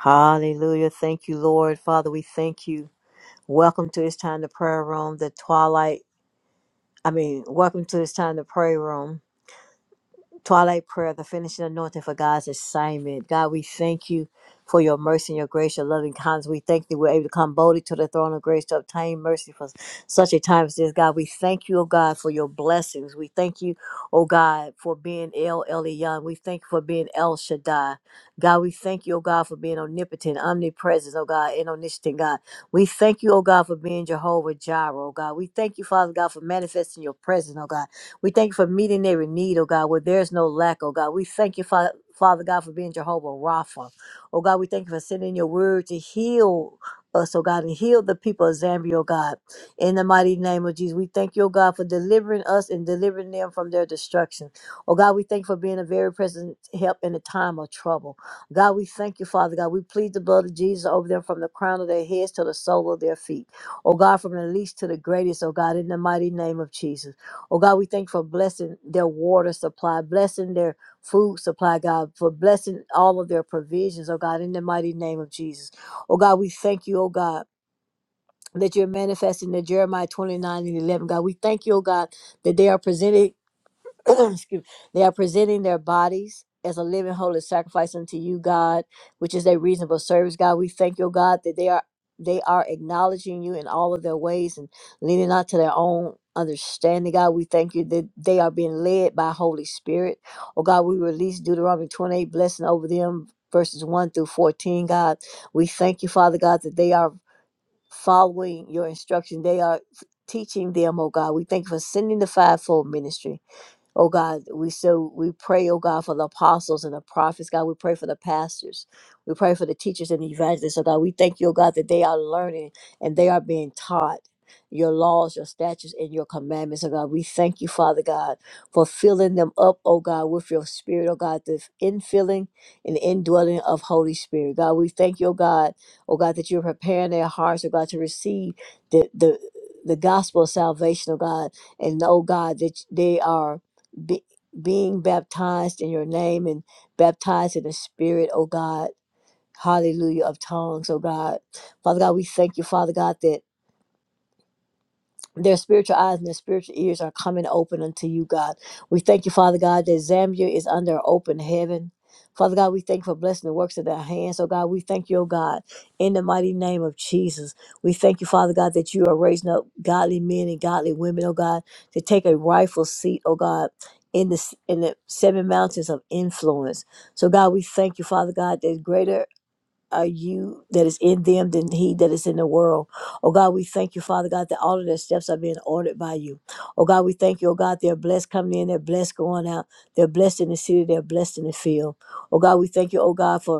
Hallelujah. Thank you, Lord. Father, we thank you. Welcome to It's Time to Prayer Room, the Twilight. I mean, welcome to It's Time to Prayer Room. Twilight prayer, the finishing anointing for God's assignment. God, we thank you for your mercy and your grace, your loving kindness. We thank you we're able to come boldly to the throne of grace to obtain mercy for such a time as this. God, we thank you, oh God, for your blessings. We thank you, oh God, for being El Elyon. We thank you for being El Shaddai. God, we thank you, oh God, for being omnipotent, omnipresent, oh God, and omniscient, God. We thank you, oh God, for being Jehovah Jireh, oh God. We thank you, Father God, for manifesting your presence, oh God. We thank you for meeting every need, oh God, where there's no lack, oh God. We thank you, Father. Father God, for being Jehovah Rapha. Oh God, we thank you for sending your word to heal us, oh God, and heal the people of Zambia, oh God. In the mighty name of Jesus, we thank you, oh God, for delivering us and delivering them from their destruction. Oh God, we thank you for being a very present help in a time of trouble. God, we thank you, Father God. We plead the blood of Jesus over them from the crown of their heads to the sole of their feet. Oh God, from the least to the greatest, oh God, in the mighty name of Jesus. Oh God, we thank you for blessing their water supply, blessing their food supply, God, for blessing all of their provisions, oh God, in the mighty name of Jesus. Oh God, we thank you, oh God. That you're manifesting the Jeremiah 29 and 11. God, we thank you, oh God, that they are presented. excuse me, they are presenting their bodies as a living holy sacrifice unto you, God, which is a reasonable service, God. We thank you, God, that they are they are acknowledging you in all of their ways and leaning not to their own understanding, God. We thank you that they are being led by Holy Spirit. Oh God, we release Deuteronomy 28 blessing over them, verses 1 through 14, God. We thank you, Father God, that they are following your instruction. They are teaching them, oh God. We thank you for sending the fivefold ministry. Oh God, we so we pray, oh God, for the apostles and the prophets. God, we pray for the pastors. We pray for the teachers and the evangelists. So God, we thank you, oh God, that they are learning and they are being taught your laws, your statutes, and your commandments. Oh God, we thank you, Father God, for filling them up, oh God, with your spirit, oh God, the infilling and indwelling of Holy Spirit. God, we thank you, oh God, oh God, that you're preparing their hearts, oh God, to receive the the the gospel of salvation, oh God, and oh God, that they are be, being baptized in your name and baptized in the spirit, oh God. Hallelujah of tongues, oh God. Father God, we thank you, Father God, that their spiritual eyes and their spiritual ears are coming open unto you, God. We thank you, Father God, that Zambia is under open heaven. Father God, we thank you for blessing the works of their hands. Oh God, we thank you, oh God, in the mighty name of Jesus. We thank you, Father God, that you are raising up godly men and godly women, oh God, to take a rightful seat, oh God, in the in the seven mountains of influence. So God, we thank you, Father God, that greater are you that is in them than he that is in the world. Oh God, we thank you, Father God, that all of their steps are being ordered by you. Oh God, we thank you, oh God, they're blessed coming in, they're blessed going out, they're blessed in the city, they're blessed in the field. Oh God, we thank you, oh God, for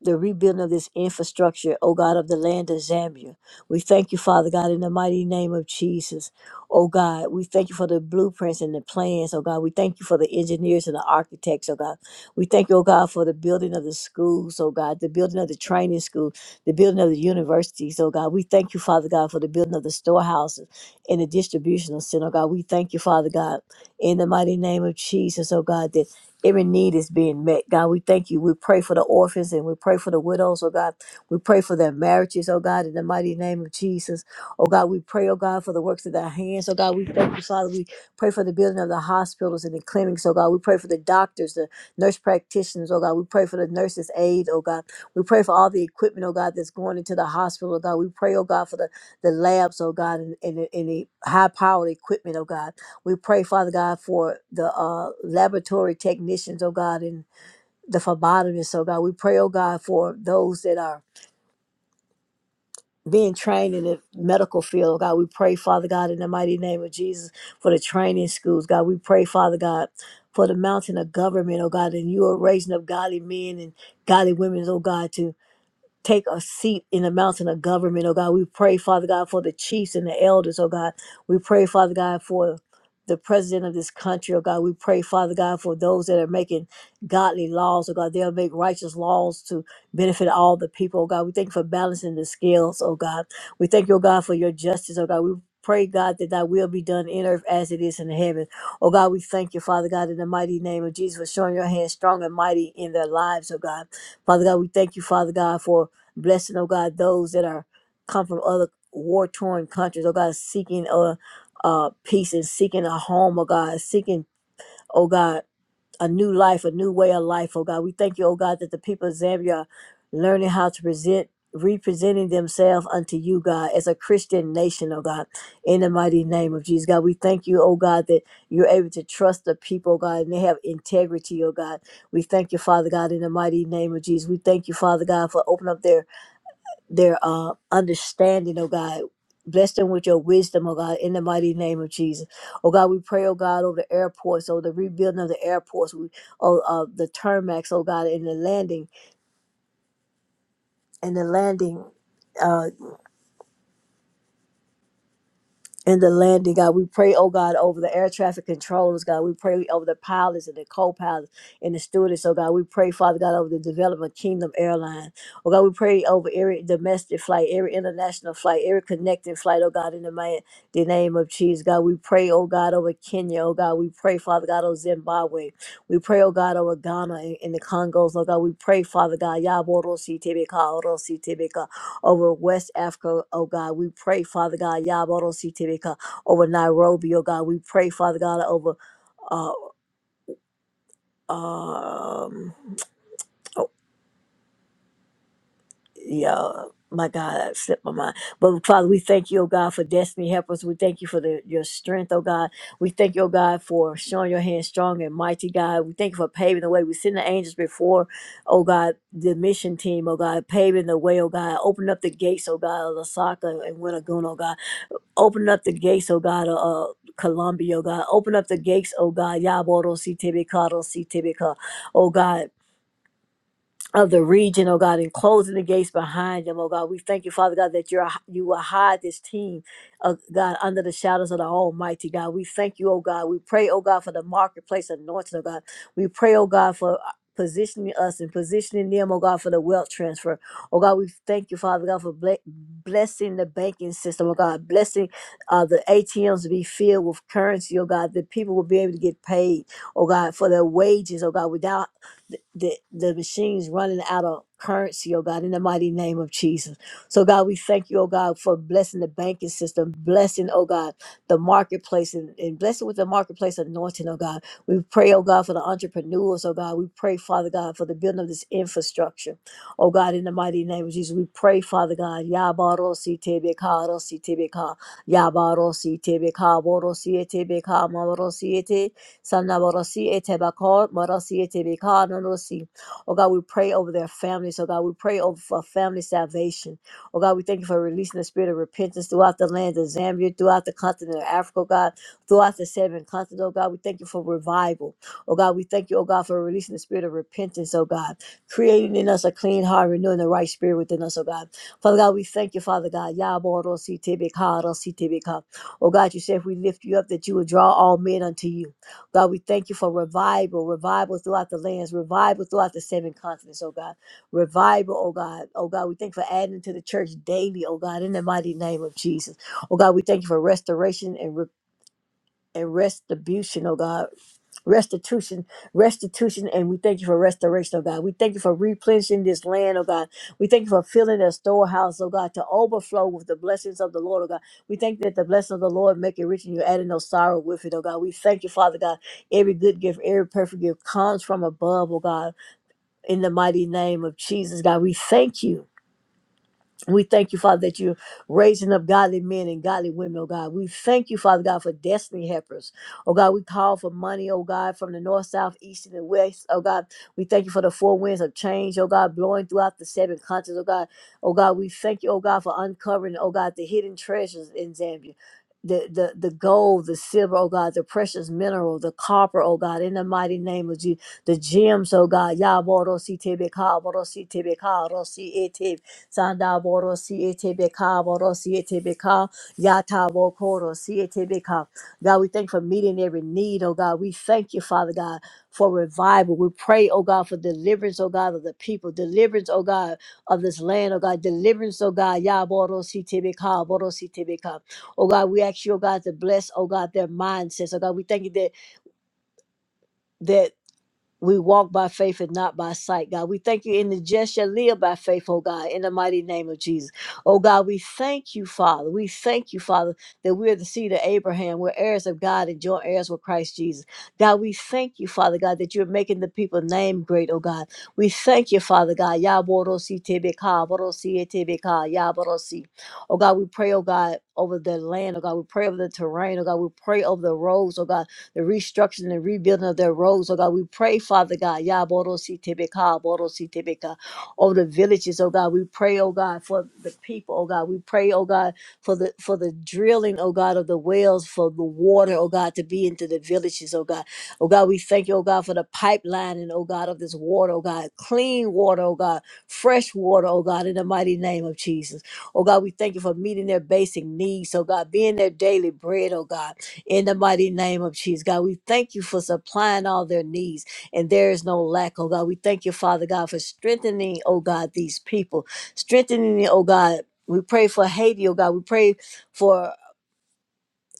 the rebuilding of this infrastructure, O God, of the land of Zambia. We thank you, Father God, in the mighty name of Jesus. O God, we thank you for the blueprints and the plans, O God. We thank you for the engineers and the architects, O God. We thank you, O God, for the building of the schools, O God, the building of the training school, the building of the universities, O God. We thank you, Father God, for the building of the storehouses and the distributional center, O God. We thank you, Father God, in the mighty name of Jesus, O God, Every need is being met. God, we thank you. We pray for the orphans and we pray for the widows, oh God. We pray for their marriages, oh God, in the mighty name of Jesus. Oh God, we pray, oh God, for the works of their hands. Oh God, we thank you, Father. We pray for the building of the hospitals and the clinics, oh God. We pray for the doctors, the nurse practitioners, oh God. We pray for the nurses' aid, oh God. We pray for all the equipment, oh God, that's going into the hospital, oh God. We pray, oh God, for the, the labs, oh God, and, and, the- and the high powered equipment, oh God. We pray, Father God, for the uh, laboratory technicians, oh God, and the phlebotomists, oh God. We pray, oh God, for those that are being trained in the medical field, oh God. We pray, Father God, in the mighty name of Jesus, for the training schools, God. We pray, Father God, for the mountain of government, oh God, and you are raising up godly men and godly women, oh God, to take a seat in the mountain of government, oh God. We pray, Father God, for the chiefs and the elders, oh God. We pray, Father God, for the president of this country, oh God. We pray, Father God, for those that are making godly laws, oh God. They'll make righteous laws to benefit all the people, oh God. We thank you for balancing the scales, oh God. We thank you, oh God, for your justice, oh God. We pray, God, that thy will be done in earth as it is in heaven. Oh God, we thank you, Father God, in the mighty name of Jesus for showing your hand strong and mighty in their lives, oh God. Father God, we thank you, Father God, for Blessing, oh God, those that are come from other war torn countries, oh God, seeking uh, uh, peace and seeking a home, oh God, seeking, oh God, a new life, a new way of life, oh God. We thank you, oh God, that the people of Zambia are learning how to present, representing themselves unto you, God, as a Christian nation, oh God, in the mighty name of Jesus, God. We thank you, oh God, that you're able to trust the people, oh God, and they have integrity, oh God. We thank you, Father God, in the mighty name of Jesus. We thank you, Father God, for opening up their their uh, understanding, oh God. Bless them with your wisdom, oh God, in the mighty name of Jesus. Oh God, we pray, oh God, over the airports, over the rebuilding of the airports, we, oh, uh, the tarmacs, oh God, and the landing, and the landing. uh, and the landing, God. We pray, oh God, over the air traffic controllers, God. We pray over the pilots and the co-pilots and the stewardess, oh God. We pray, Father God, over the development Kingdom Airline. Oh God, we pray over every domestic flight, every international flight, every connecting flight, oh God, in the, man, the name of Jesus, God. We pray, oh God, over Kenya, oh God. We pray, Father God, over Zimbabwe. We pray, oh God, over Ghana and, and the Congos, oh God. We pray, Father God, Yaboro si over West Africa, oh God. We pray, Father God, Yabodo Sitibika, over Nairobi, oh God. We pray, Father God, over, uh, um, oh, yeah. My God, I slipped my mind. But Father, we thank you, oh God, for destiny helpers. We thank you for the, your strength, oh God. We thank you, oh God, for showing your hand strong and mighty, God. We thank you for paving the way. We send the angels before, oh God, the mission team, oh God, paving the way, oh God. Open up the gates, oh God, of Lasaka and Winnagoon, oh God. Open up the gates, oh God, of uh, Colombia, oh God. Open up the gates, oh God. Yaboro si tebe karo si tebe ka. Oh God of the region, oh God, and closing the gates behind them, oh God. We thank you, Father God, that you're you will hide this team, oh God, under the shadows of the Almighty God. We thank you, oh God. We pray, oh God, for the marketplace anointing, oh God. We pray, oh God, for uh, positioning us and positioning them, oh God, for the wealth transfer. Oh God, we thank you, Father God, for ble- blessing the banking system, oh God, blessing uh, the ATMs to be filled with currency, oh God, that people will be able to get paid, oh God, for their wages, oh God, without the, the machines running out of currency, oh God, in the mighty name of Jesus. So, God, we thank you, oh God, for blessing the banking system, blessing, oh God, the marketplace, and, and blessing with the marketplace anointing, oh God. We pray, oh God, for the entrepreneurs, oh God. We pray, Father God, for the building of this infrastructure, oh God, in the mighty name of Jesus. We pray, Father God, Yabarosi Tebeka, Rosi Tebeka, Yabarosi Tebeka, Borosi Tebeka, Mamarosi Sana Borosi Etebakor, Borosi Etebikar, Norosi. Oh God, we pray over their families. Oh God, we pray over for family salvation. Oh God, we thank you for releasing the spirit of repentance throughout the land of Zambia, throughout the continent of Africa, oh God, throughout the seven continents. Oh God, we thank you for revival. Oh God, we thank you, oh God, for releasing the spirit of repentance, oh God, creating in us a clean heart, renewing the right spirit within us, oh God. Father God, we thank you, Father God. Yaborosi Tebikar, Rosi Tebikar. Oh God, you said if we lift you up, that you will draw all men unto you. God, we thank you for revival, revival throughout the lands, revival throughout the seven continents, oh God. Revival, oh God. Oh God, we thank you for adding to the church daily, oh God, in the mighty name of Jesus. Oh God, we thank you for restoration and re- and restitution, oh God restitution, restitution, and we thank you for restoration, oh God. We thank you for replenishing this land, oh God. We thank you for filling the storehouse, oh God, to overflow with the blessings of the Lord, oh God. We thank that the blessing of the Lord make it rich and you adding no sorrow with it, oh God. We thank you, Father God. Every good gift, every perfect gift comes from above, oh God, in the mighty name of Jesus, God. We thank you. We thank you, Father, that you're raising up godly men and godly women, oh God. We thank you, Father God, for destiny helpers. Oh God, we call for money, oh God, from the north, south, east, and the west. Oh God, we thank you for the four winds of change, oh God, blowing throughout the seven continents, oh God. Oh God, we thank you, oh God, for uncovering, oh God, the hidden treasures in Zambia. The, the the gold, the silver, oh God, the precious mineral, the copper, oh God, in the mighty name of Jesus, the gems, oh God, Yaboro si tebe ka, boro si tebe ka, Sanda boro siete beka boro siete beka yata bokoro siete beka. God, we thank you for meeting every need, oh God. We thank you, Father God, for revival. We pray, oh God, for deliverance, oh God, of the people, deliverance, oh God, of this land, oh God, deliverance, oh God, ya boro siete beka boro siete beka. Oh God, we ask you, oh God, to bless, oh God, their mindsets, oh God. We thank you that. We walk by faith and not by sight, God. We thank you in the just shall live by faith, oh God, in the mighty name of Jesus. Oh God, we thank you, Father. We thank you, Father, that we're the seed of Abraham. We're heirs of God and joint heirs with Christ Jesus. God, we thank you, Father God, that you're making the people name great, oh God. We thank you, Father God. Yaborosi tebeka, borosi etebeka, yaborosi. Oh God, we pray, oh God, over the land, oh God. We pray over the terrain, oh God. We pray over the roads, oh God the restructuring and rebuilding of their roads. Oh God, we pray, Father God, Yaborositebeka, Borositebeka, over the villages, oh God. We pray, oh God, for the people, oh God. We pray, oh God, for the for the drilling, oh God, of the wells, for the water, oh God, to be into the villages, oh God. Oh God, we thank you, oh God, for the pipeline and oh God of this water, oh God, clean water, oh God, fresh water, oh God, in the mighty name of Jesus. Oh God, we thank you for meeting their basic needs, oh God, being their daily bread, oh God. In the mighty name of Jesus, God, we thank you for supplying all their needs, and there is no lack, oh God. We thank you, Father God, for strengthening, oh God, these people, strengthening, oh God. We pray for Haiti, oh God. We pray for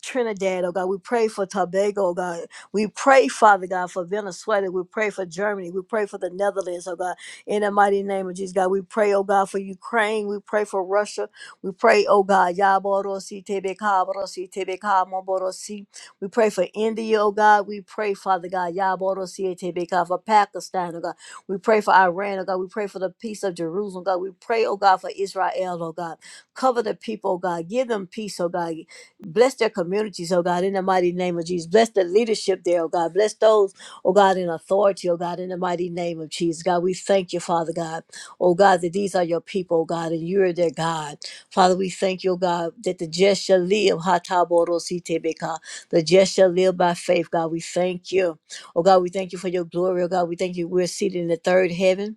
Trinidad, oh God. We pray for Tobago, oh God. We pray, Father God, for Venezuela. We pray for Germany. We pray for the Netherlands, oh God. In the mighty name of Jesus, God. We pray, oh God, for Ukraine. We pray for Russia. We pray, oh God. Yaborosi tebeka, borosi tebeka, moborosi. We pray for India, oh God. We pray, Father God. Yaborosi tebeka, for Pakistan, oh God. We pray for Iran, oh God. We pray for the peace of Jerusalem, oh God. We pray, oh God, for Israel, oh God. Cover the people, oh God. Give them peace, oh God. Bless their communities, oh God, in the mighty name of Jesus. Bless the leadership there, oh God. Bless those, oh God, in authority, oh God, in the mighty name of Jesus. God, we thank you, Father God. Oh God, that these are your people, oh God, and you are their God. Father, we thank you, oh God, that the just shall live. ha ta bo ro si te be ka. The just shall live by faith, God. We thank you. Oh God, we thank you for your glory, oh God. We thank you. We're seated in the third heaven.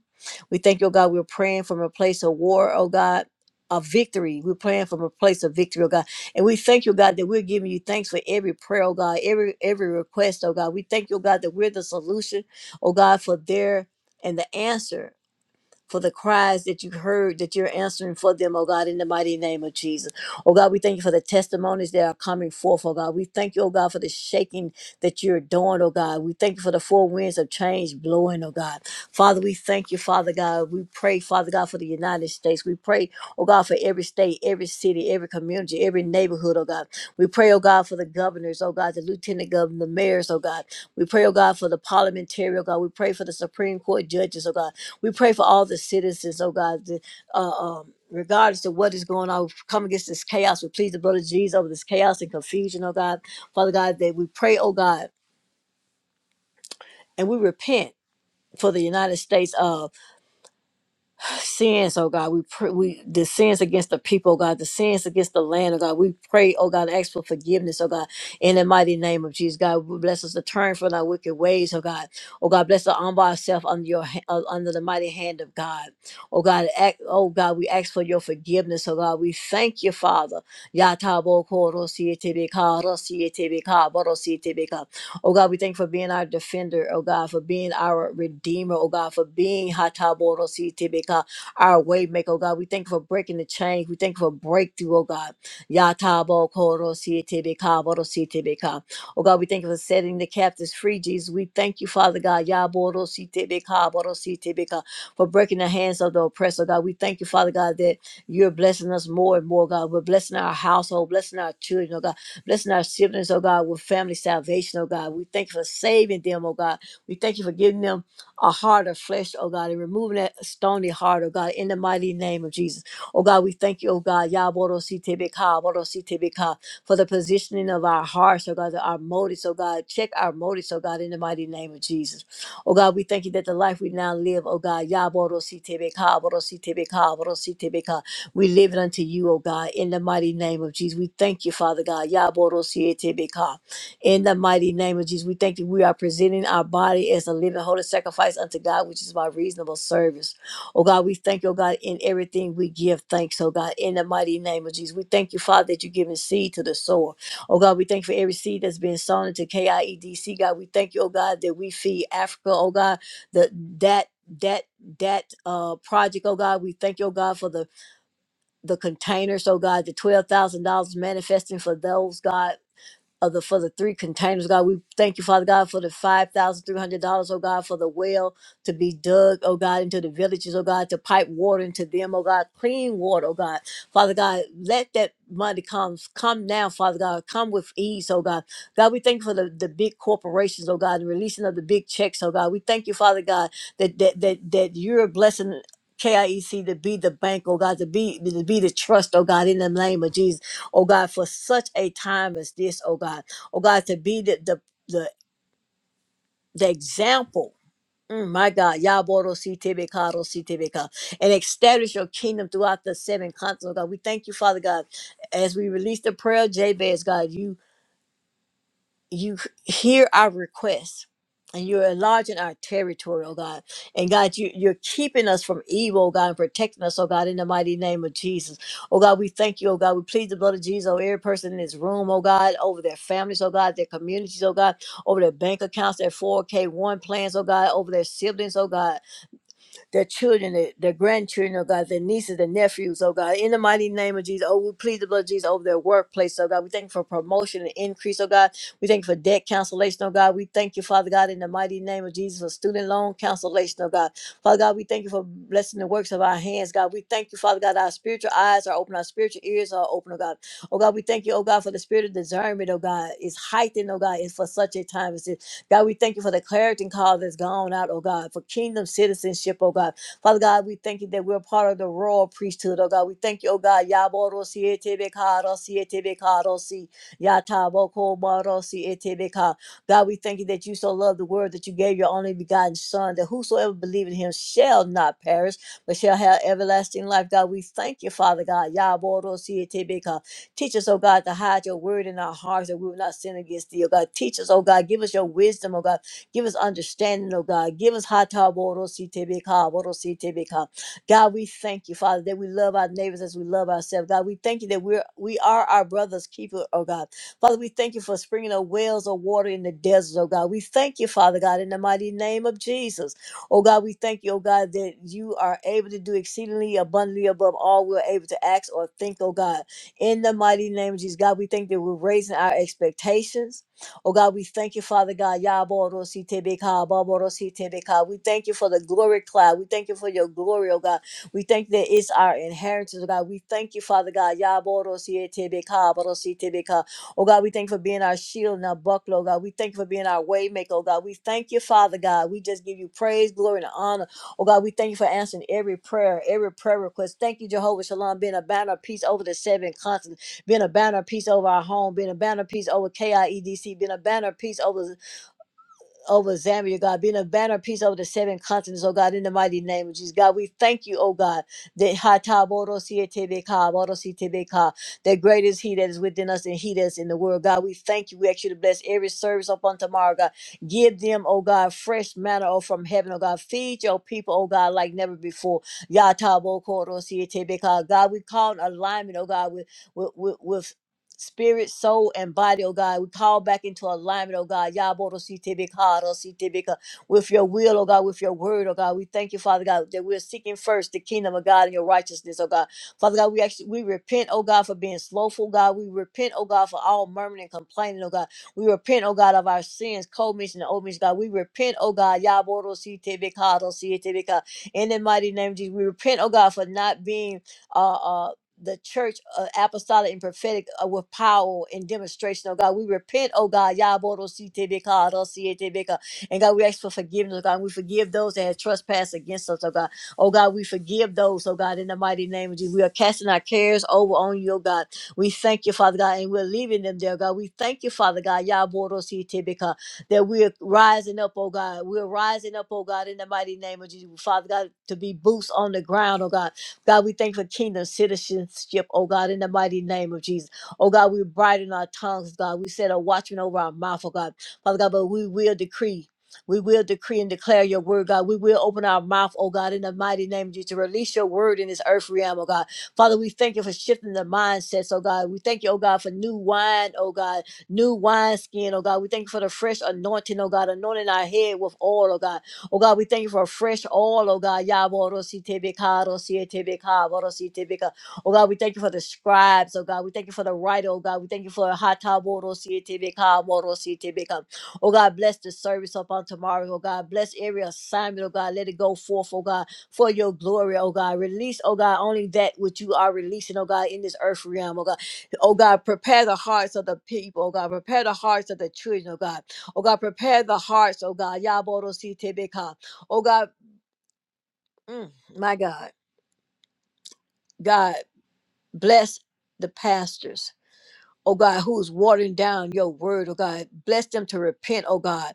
We thank you, oh God, we're praying from a place of war, oh God. Of victory. We're praying from a place of victory, oh God. And we thank you, God, that we're giving you thanks for every prayer, oh God, every every request, oh God. We thank you, God, that we're the solution, oh God, for their and the answer for the cries that you heard that you're answering for them, oh God, in the mighty name of Jesus. Oh God, we thank you for the testimonies that are coming forth, oh God. We thank you, oh God, for the shaking that you're doing, oh God. We thank you for the four winds of change blowing, oh God. Father, we thank you, Father God. We pray, Father God, for the United States. We pray, oh God, for every state, every city, every community, every neighborhood, oh God. We pray, oh God, for the governors, oh God, the lieutenant governor, the mayors, oh God. We pray, oh God, for the parliamentary, oh God. We pray for the Supreme Court judges, oh God. We pray for all the citizens, oh God, the, uh, um, regardless of what is going on, we come against this chaos. We plead the blood of Jesus over this chaos and confusion, oh God. Father God, that we pray, oh God, and we repent for the United States. uh, sins, oh God. We pray we the sins against the people, oh God, the sins against the land, oh God. We pray, oh God, and ask for forgiveness, oh God, in the mighty name of Jesus. God, bless us to turn from our wicked ways, oh God. Oh God, bless us to humble ourselves under your ha- uh, under the mighty hand of God. Oh God, act, oh God, we ask for your forgiveness, oh God. We thank you, Father. Yatabo koro rosietebeka, borosietebeka. Oh God, we thank you for being our defender, oh God, for being our redeemer, oh God, for being Hataboro our way maker, oh God. We thank you for breaking the chains. We thank you for breakthrough, oh God. Yatabo koro sietebeka, boro sietebeka. Oh God, we thank you for setting the captives free, Jesus. We thank you, Father God, Yaboro sietebeka, boro sietebeka, for breaking the hands of the oppressor, God. We thank you, Father God, that you're blessing us more and more, God. We're blessing our household, blessing our children, oh God. Blessing our siblings, oh God, with family salvation, oh God. We thank you for saving them, oh God. We thank you for giving them a heart of flesh, oh God, and removing that stony heart, oh God, in the mighty name of Jesus. Oh God, we thank you, oh God, Yaborositebeka, Borositebeka, for the positioning of our hearts, oh God, our motives, oh God. Check our motives, oh God, in the mighty name of Jesus. Oh God, we thank you that the life we now live, oh God, Yaborositebeka, Borositebeka, Borositebeka, we live it unto you, oh God, in the mighty name of Jesus. We thank you, Father God. Yaborositebeka. In the mighty name of Jesus, we thank you. We are presenting our body as a living, holy sacrifice unto God, which is my reasonable service. Oh God, we thank you, oh God, in everything we give thanks, oh God, in the mighty name of Jesus. We thank you, Father, that you're giving seed to the sower. Oh God, we thank you for every seed that's been sown into KIEDC, God. We thank you, oh God, that we feed Africa, oh God, the, that, that, that uh project, oh God, we thank you, oh God, for the the containers, oh God, the twelve thousand dollars manifesting for those, God of the for the three containers, God. We thank you, Father God, for the five thousand three hundred dollars, oh God, for the well to be dug, oh God, into the villages, oh God, to pipe water into them, oh God, clean water, oh God. Father God, let that money come, come now, Father God, come with ease, oh God. God, we thank you for the, the big corporations, oh God, and releasing of the big checks, oh God. We thank you, Father God, that that that, that you're blessing KIEC to be the bank, oh God, to be to be the trust, oh God, in the name of Jesus oh God, for such a time as this, oh God. Oh God, to be the the the, the example. Mm, my God, Yaboro Sitebekaro Sitebeka, and establish your kingdom throughout the seven continents, oh God. We thank you, Father God, as we release the prayer, Jabez, God. You you hear our requests and you're enlarging our territory, oh God. And God, you, you're keeping us from evil, oh God, and protecting us, oh God, in the mighty name of Jesus. Oh God, we thank you, oh God. We plead the blood of Jesus over every person in this room, oh God, over their families, oh God, their communities, oh God, over their bank accounts, their 4K1 plans, oh God, over their siblings, oh God their children, their, their grandchildren, oh God, their nieces, their nephews, oh God. In the mighty name of Jesus, oh, we plead the blood of Jesus over their workplace, oh God. We thank you for promotion and increase, oh God. We thank you for debt cancellation, oh God. We thank you, Father God, in the mighty name of Jesus, for student loan cancellation, oh God. Father God, we thank you for blessing the works of our hands, God. We thank you, Father God, our spiritual eyes are open, our spiritual ears are open, oh God. Oh God, we thank you, oh God, for the spirit of discernment, oh God, is heightened, oh God, is for such a time as this. God, we thank you for the clarity call that's gone out, oh God, for kingdom citizenship, oh God. Father God, we thank you that we're part of the royal priesthood, oh God. We thank you, oh God. Yaborosi etebekarosi etebekarosi yatabokobarosi etebeka. God, we thank you that you so loved the word that you gave your only begotten Son, that whosoever believes in him shall not perish, but shall have everlasting life. God, we thank you, Father God. Yaborosi etebeka. Teach us, oh God, to hide your word in our hearts that we will not sin against thee, oh God. Teach us, oh God, give us your wisdom, oh God. Give us understanding, oh God. Give us hata boro si te be ka, boro si te be ka. God, we thank you, Father, that we love our neighbors as we love ourselves. God, we thank you that we're we are our brother's keeper, oh God. Father, we thank you for springing up wells of water in the desert, oh God. We thank you, Father God, in the mighty name of Jesus. Oh God, we thank you, oh God, that you are able to do exceedingly abundantly above all we're able to ask or think, oh God. In the mighty name of Jesus, God, we thank that we're raising our expectations. Oh God, we thank you, Father God. Yaborositebeka, baborositebeka. We thank you for the glory cloud. We thank you for your glory, oh God. We thank that it's our inheritance, oh God. We thank you, Father God. Yaborositebeka, borositebeka. Oh God, we thank you for being our shield and our buckler, oh God. We thank you for being our waymaker, oh God. We thank you, Father God. We just give you praise, glory, and honor. Oh God, we thank you for answering every prayer, every prayer request. Thank you, Jehovah Shalom, being a banner of peace over the seven continents, being a banner of peace over our home, being a banner of peace over KIEDC, being a banner of peace over over Zambia, God, being a banner of peace over the seven continents, oh God, in the mighty name of Jesus. God, we thank you, oh God, that ha ta bo ro si e te be ka, bo ro si te be ka, that great is He that is within us and He that's in the world. God, we thank you. We ask you to bless every service upon tomorrow, God. Give them, oh God, fresh manna oh, from heaven, oh God. Feed your people, oh God, like never before. Ya ta bo ko ro si e te be ka. God, we call in alignment, oh God, with, with, with, with spirit, soul, and body, oh God. We call back into alignment, oh God. Yabodo Sitibikado Sitibika with your will, oh God, with your word, oh God. We thank you, Father God, that we're seeking first the kingdom of God and your righteousness, oh God. Father God, we actually we repent, oh God, for being slothful, God. We repent, oh God, for all murmuring and complaining, oh God. We repent, oh God, of our sins, commission and omission, God. We repent, oh God, Yabodo Sitibikado Sitibika. In the mighty name of Jesus, we repent, oh God, for not being uh, uh, the church uh, apostolic and prophetic uh, with power and demonstration, oh God. We repent, oh God. Yabodo si te be ka, do si e te be And God, we ask for forgiveness, oh God. We forgive those that have trespassed against us, oh God. Oh God, we forgive those, oh God, in the mighty name of Jesus. We are casting our cares over on you, oh God. We thank you, Father God, and we're leaving them there, God. We thank you, Father God, Yabodo si te be that we are rising up, oh God. We're rising up, oh God, in the mighty name of Jesus, Father God, to be boots on the ground, oh God God, we thank you for kingdom citizenship, oh God, in the mighty name of Jesus. Oh God, we brighten our tongues, God. We set a watchman over our mouth, oh God. Father God, but we will decree. We will decree and declare your word, God. We will open our mouth, oh God, in the mighty name of Jesus, to release your word in this earth realm, oh God. Father, we thank you for shifting the mindsets, oh God. We thank you, oh God, for new wine, oh God, new wine skin, oh God. We thank you for the fresh anointing, oh God, anointing our head with oil, oh God. Oh God, we thank you for a fresh oil, oh God. Yaborosi tebeka, rosi tebeka, borosi Yaborositebekaros, Oh God, we thank you for the scribes, oh God. We thank you for the writer, oh God. We thank you for hata Borosi tebeka, borosi Hataborositebekaros. Oh God, bless the service up on tomorrow, oh God. Bless every assignment, oh God. Let it go forth, oh God, for your glory, oh God. Release, oh God, only that which you are releasing, oh God, in this earth realm, oh God. Oh God, prepare the hearts of the people, oh God. Prepare the hearts of the children, oh God. Oh God, prepare the hearts, oh God. Yaboro si tebeka. Oh God, mm, my God. God, bless the pastors. oh God, who's watering down your word, oh God. Bless them to repent, oh God.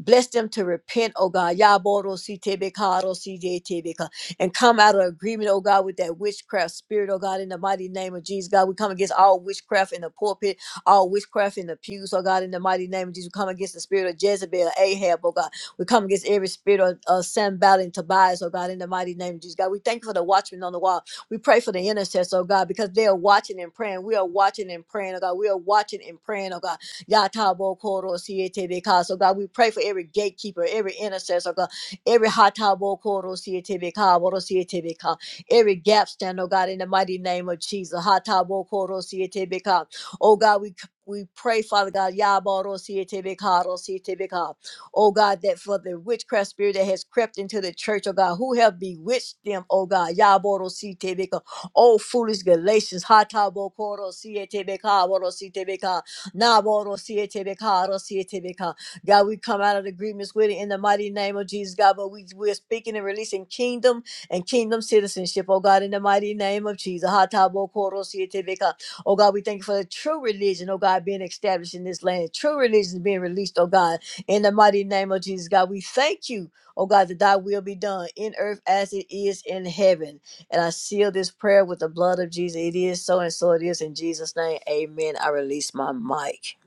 Bless them to repent, oh God. Yaboro si tebe karo si de tebe ka. And come out of agreement, oh God, with that witchcraft spirit, oh God, in the mighty name of Jesus. God, we come against all witchcraft in the pulpit, all witchcraft in the pews, oh God, in the mighty name of Jesus. We come against the spirit of Jezebel, Ahab, oh God. We come against every spirit of, of Sanballat and Tobias, oh God, in the mighty name of Jesus. God, we thank you for the watchman on the wall. We pray for the intercessor, oh God, because they are watching and praying. We are watching and praying, oh God. We are watching and praying, oh God. Yatabo koro siete de ka. So God, we pray for every gatekeeper, every intercessor, oh God, every hatabo koro siete beka, boro siete de ka? every gap stand, oh God, in the mighty name of Jesus. Hatabo koro siete de ka. Oh God, we we pray, Father God, Yaboro siete beka, ro siete de ka? oh God, that for the witchcraft spirit that has crept into the church, oh God, who have bewitched them, oh God, Yaboro Sitebeka, oh foolish Galatians, Hatabo Koro Sietebeka, Boro Sitebeka, Naboro Sietebeka, Ro Sietebeka. God, we come out of agreements with it in the mighty name of Jesus, God, but we, we're speaking and releasing kingdom and kingdom citizenship, oh God, in the mighty name of Jesus, Hatabo Koro Sietebeka. Oh God, we thank you for the true religion, oh God, being established in this land. True religion is being released, oh God. In the mighty name of Jesus, God, we thank you, oh God, that thy will be done in earth as it is in heaven. And I seal this prayer with the blood of Jesus. It is so and so it is in Jesus' name. Amen. I release my mic.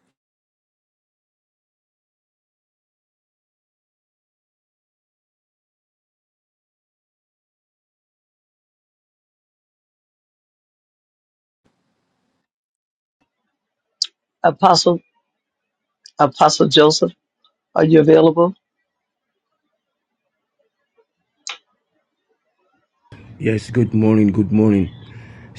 Apostle Apostle Joseph, are you available? Yes, good morning, good morning.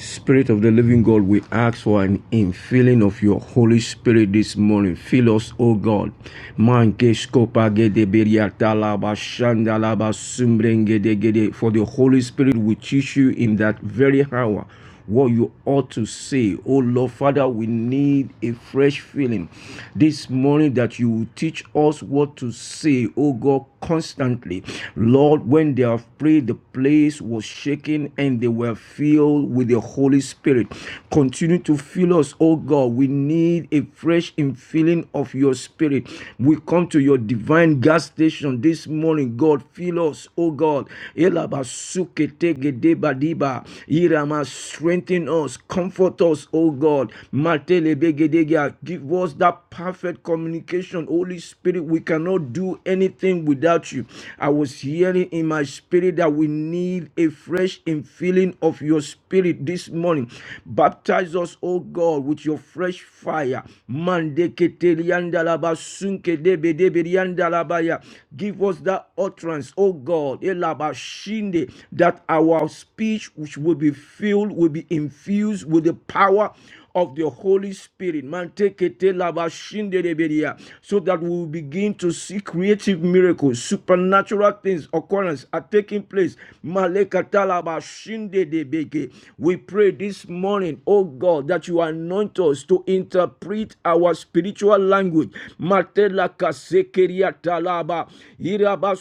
Spirit of the living God, we ask for an infilling of your Holy Spirit this morning. Fill us, O God. Manke skopa gede beriata laba shanda laba sumbrenge de For the Holy Spirit will teach you in that very hour what you ought to say. Oh Lord, Father, we need a fresh feeling this morning that you will teach us what to say, oh God, constantly. Lord, when they have prayed, the place was shaken and they were filled with the Holy Spirit. Continue to fill us, oh God. We need a fresh infilling of your spirit. We come to your divine gas station this morning, God. Fill us, oh God. Elabasuketegedebadiba. Irama, strengthen us, comfort us, O God. Matelebegedegea. Give us that perfect communication, Holy Spirit. We cannot do anything without you. I was hearing in my spirit that we need a fresh infilling of your spirit this morning. Baptize us, O God, with your fresh fire. Mande ketelianda laba sunke debe debe rianda Talabaya. Give us that utterance, oh God, Elabashinde, that our speech which will be filled, will be infused with the power of the Holy Spirit. Mantekete labashinde rebedia. So that we will begin to see creative miracles, supernatural things, occurrence are taking place. Malekata labashinde debeke. We pray this morning, oh God, that you anoint us to interpret it, our spiritual language. Matela kasekeria talaba, iraba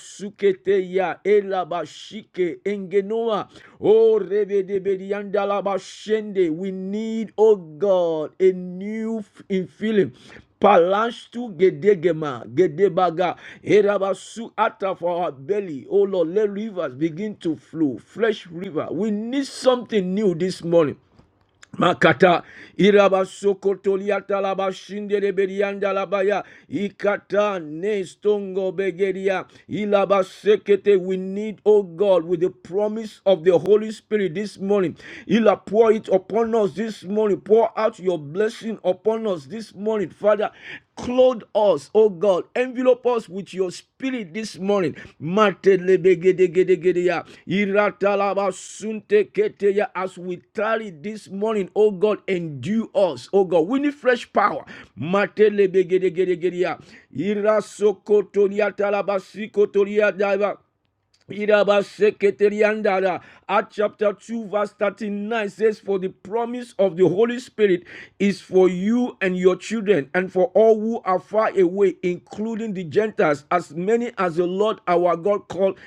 ya elaba shike, engenoa, o rebedebediandalaba shende. We need, oh God, a new f- infilling. Palashtu gedegema, gedebaga, erabasu ata for our belly. Oh Lord, let rivers begin to flow, fresh river. We need something new this morning. Makata iraba sokotolia talaba shindere berianda labaya ikata ne stongo begeria ilaba sekete we need oh God with the promise of the Holy Spirit this morning ila pour it upon us this morning pour out your blessing upon us this morning Father Clothe us, oh God. Envelope us with your spirit this morning. As we tarry this morning, oh God, endue us, oh God. We need fresh power. Matelebegedegedegedeya, irasokotoniatalabasikotoriadaba. Irabaseketeliandara. Acts chapter 2, verse 39 says, For the promise of the Holy Spirit is for you and your children, and for all who are far away, including the Gentiles, as many as the Lord our God called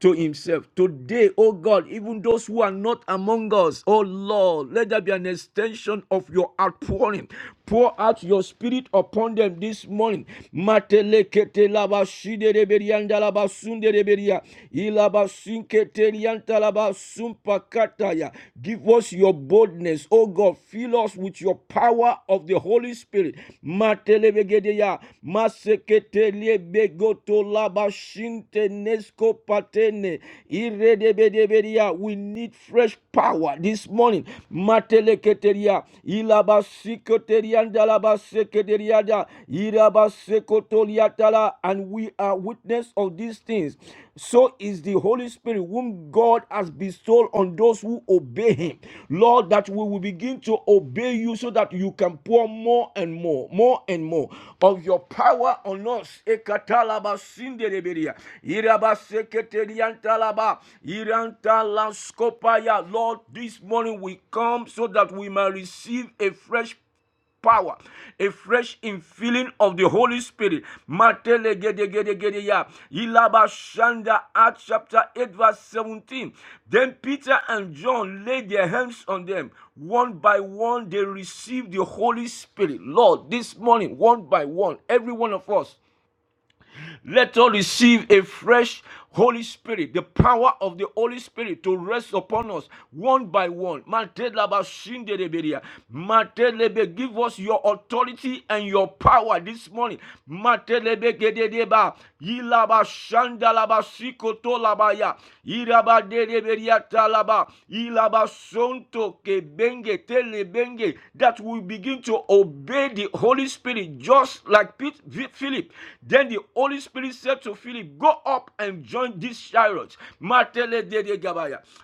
to himself. Today, oh God, even those who are not among us, oh Lord, let there be an extension of your outpouring. Pour out your spirit upon them this morning. Matelekete laba reberianda laba reberia. Ilaba rianta laba Give us your boldness, O God. Fill us with your power of the Holy Spirit. Matelebegedeya. Masekete liebegoto laba nesko patene. Iredebedeberia. We need fresh power this morning. Mateleketeria, ilabasikoteliandalabasekederiada, irabasekotoliatala, And we are witness of these things. So is the Holy Spirit, whom God has bestowed on those who obey Him. Lord, that we will begin to obey you so that you can pour more and more, more and more of your power on us. Ekatalabasindereberia, irabaseketeriandalabasekeria, Riantalaba, Iriantalaskopaya. Lord, this morning we come so that we may receive a fresh power, a fresh infilling of the Holy Spirit. Matele gede gede gede ya. Ilaba Acts chapter 8 verse 17. Then Peter and John laid their hands on them. One by one they received the Holy Spirit. Lord, this morning, one by one, every one of us, let us receive a fresh Holy Spirit, the power of the Holy Spirit to rest upon us one by one. Matelebe, Give us your authority and your power this morning. That we begin to obey the Holy Spirit just like Philip. Then the Holy Spirit said to Philip, Go up and join this chariot.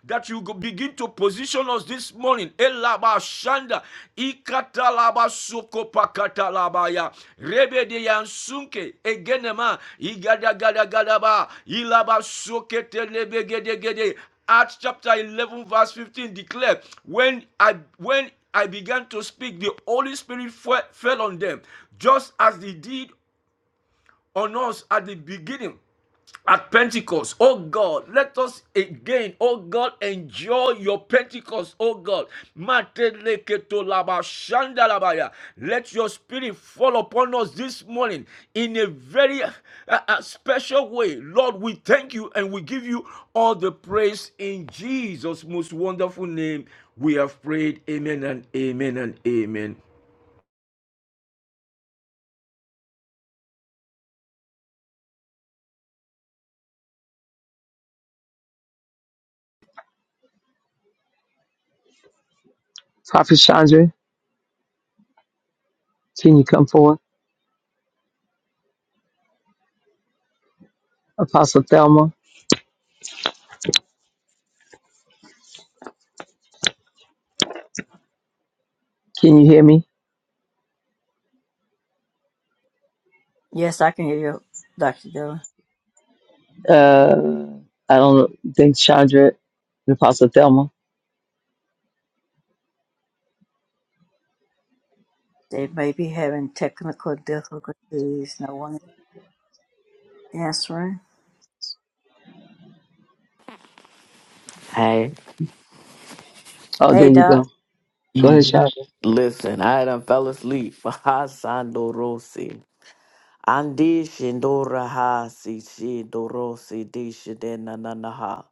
That you begin to position us this morning. Elaba Acts chapter 11 verse 15 declare when I when I began to speak the Holy Spirit fell on them just as they did on us at the beginning at Pentecost. Oh God, let us again, oh God, enjoy your Pentecost, oh God. Mateleketolaba shandalabaya. Let your spirit fall upon us this morning in a very uh, uh, uh, special way. Lord, we thank you and we give you all the praise in Jesus' most wonderful name. We have prayed. Amen and amen and amen. Prophet Chandra, can you come forward? Apostle Thelma, can you hear me? Yes, I can hear you, Dr. Dillon. Uh, I don't think Chandra, Apostle Thelma. They may be having technical difficulties. No one is answering. Hey, Oh, there Hey, you Doc. go. Go ahead, Mhm. Chandra. listen, I done fell asleep. Hasandorosi. Andi shindora ha si shindorosi di shidena nanaha.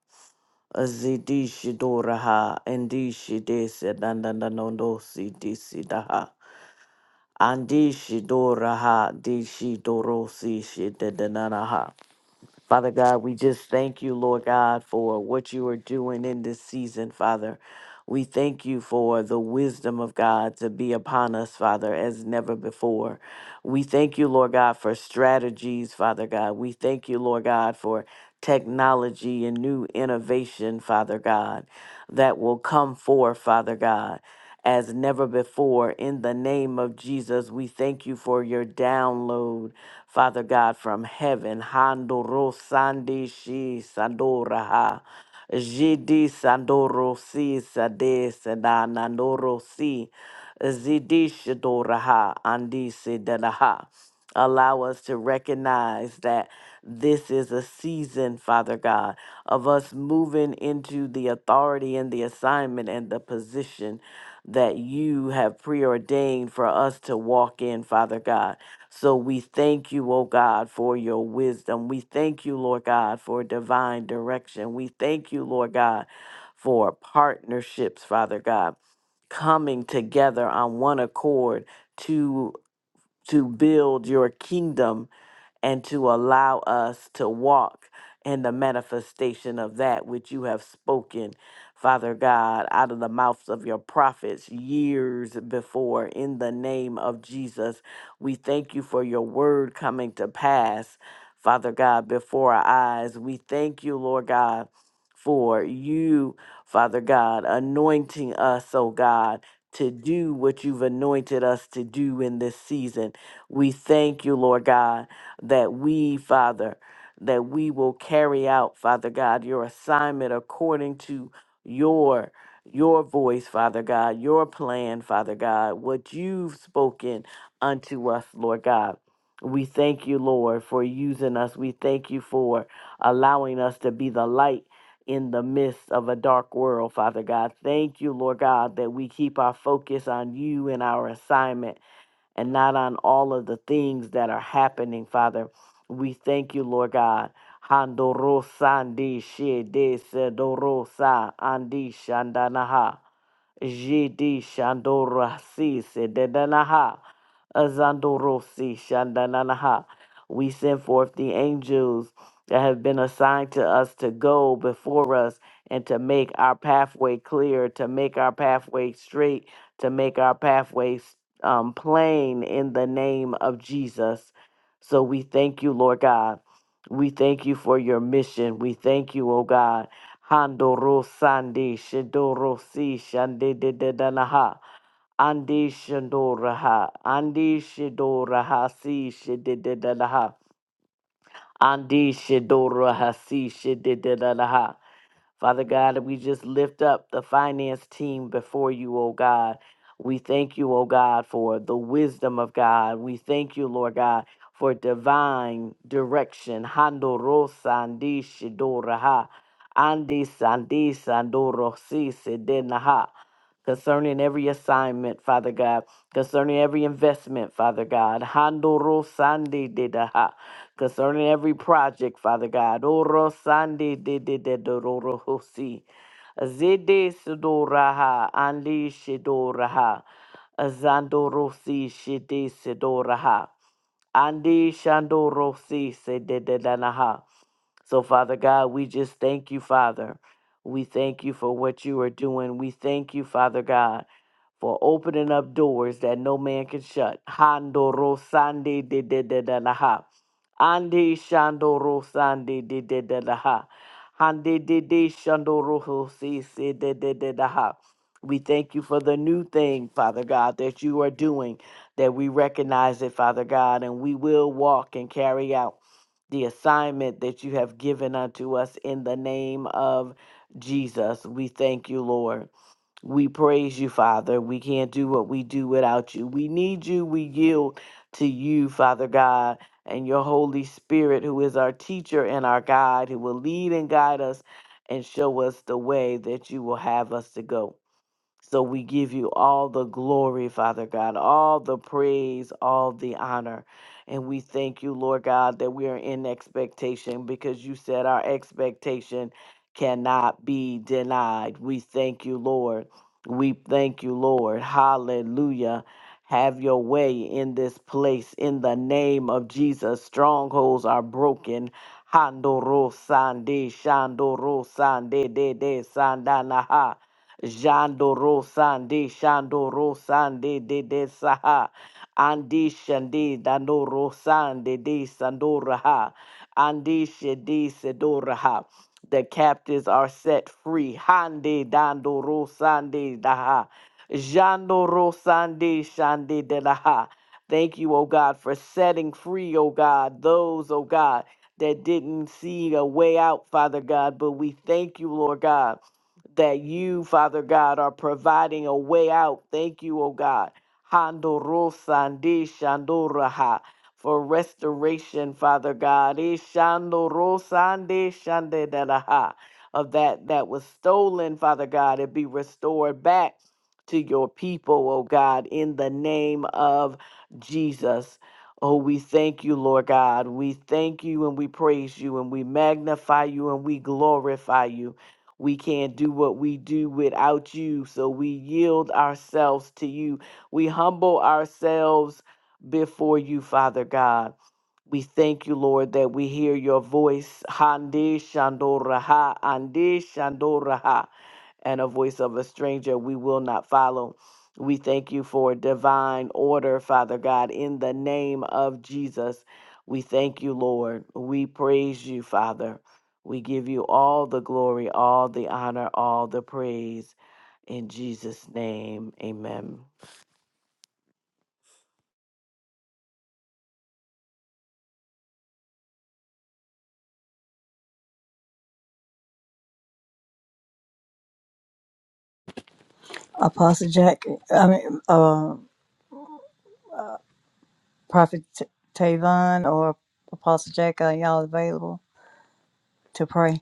Azidi shidora ha andi shidese nanananosi di sidaha. Andi shidora ha di shidorosi shidenanaha. Father God, we just thank you, Lord God, for what you are doing in this season, Father. We thank you for the wisdom of God to be upon us, Father, as never before. We thank you, Lord God, for strategies, Father God. We thank you, Lord God, for technology and new innovation, Father God, that will come forth, Father God. As never before, in the name of Jesus, we thank you for your download, Father God, from heaven. Handoro sandi shi sandoraha. Jidi Sandoro Si Sade Sedana Noro Si Zidi Shadoraha Andi Sedanaha. Allow us to recognize that this is a season, Father God, of us moving into the authority and the assignment and the position that you have preordained for us to walk in, Father God. So we thank you, O God, for your wisdom. We thank you, Lord God, for divine direction. We thank you, Lord God, for partnerships, Father God, coming together on one accord to to build your kingdom and to allow us to walk in the manifestation of that which you have spoken, Father God, out of the mouths of your prophets years before. In the name of Jesus, we thank you for your word coming to pass, Father God, before our eyes. We thank you, Lord God, for you, Father God, anointing us, oh God. To do what you've anointed us to do in this season. We thank you, Lord God that we, Father, that we will carry out, Father God, your assignment according to your your voice, Father God, your plan, Father God, what you've spoken unto us, Lord God. We thank you, Lord, for using us. We thank you for allowing us to be the light in the midst of a dark world, Father God. Thank you, Lord God, that we keep our focus on you and our assignment and not on all of the things that are happening, Father. We thank you, Lord God. Handorosandi shede sedorosa andi shandanaha. Jidi shandorasi sedanaha. Azandorosi Shandananaha. We send forth the angels that have been assigned to us to go before us and to make our pathway clear, to make our pathway straight, to make our pathways um, plain in the name of Jesus. So we thank you, Lord God. We thank you for your mission. We thank you, O God. Handoro Sandi Shidoro Si Shandi Andi Shadoraha, Andi Shadoraha, Si Shadidadaha, Andi Shadoraha, Si Shadidadaha. Father God, we just lift up the finance team before you, O God. We thank you, O God, for the wisdom of God. We thank you, Lord God, for divine direction. Handorosa, Andi Shadoraha, Andi Sandi Sandorosi, Sedenaha concerning every assignment, Father God, concerning every investment, Father God. Handoro sande de daha. Concerning every project, Father God. Oro sande de de de de ro ro ho si. Zede sidoraha andi shidoraha. Azandorosi shide sidoraha. Andi shandorosi se de de da na ha. So, Father God, we just thank you, Father. We thank you for what you are doing. We thank you, Father God for opening up doors that no man can shut. Handoro sande de de de de la ha. Ande shandoro sande de de de la ha. Hande de de shandoro ho si si de de de da ha. We thank you for the new thing, Father God, that you are doing, that we recognize it, Father God, and we will walk and carry out the assignment that you have given unto us in the name of Jesus. We thank you, Lord. We praise you, Father. We can't do what we do without you. We need you. We yield to you, Father God, and your Holy Spirit, who is our teacher and our guide, who will lead and guide us and show us the way that you will have us to go. So we give you all the glory, Father God, all the praise, all the honor. And we thank you, Lord God, that we are in expectation because you said our expectation cannot be denied. We thank you, Lord. We thank you, Lord. Hallelujah. Have your way in this place in the name of Jesus. Strongholds are broken. Handoro sande, shandoro sande, de de sandanaha. Jandoro Sandi Shandoro Sandi de de Saha Andi Shandi Danoro Sandi de Sandoraha Andi Shadi Sedoraha The captives are set free Handi Dandoro Sandi Daha Jandoro Sandi Shandi de Laha Thank you, O God, for setting free, O God, those, O God, that didn't see a way out, Father God. But we thank you, Lord God that you, Father God, are providing a way out. Thank you, oh God. Handorosandi shandoraha For restoration, Father God. Ishandorosandi shandedaraha. Of that that was stolen, Father God, it be restored back to your people, oh God, in the name of Jesus. Oh, we thank you, Lord God. We thank you and we praise you and we magnify you and we glorify you. We can't do what we do without you. So we yield ourselves to you. We humble ourselves before you, Father God. We thank you, Lord, that we hear your voice. Hande shandoraha, ande shandoraha and a voice of a stranger we will not follow. We thank you for divine order, Father God, in the name of Jesus. We thank you, Lord. We praise you, Father. We give you all the glory, all the honor, all the praise. In Jesus' name, amen. Apostle Jack, I mean, uh, Prophet T- Tavon or Apostle Jack, are y'all available to pray?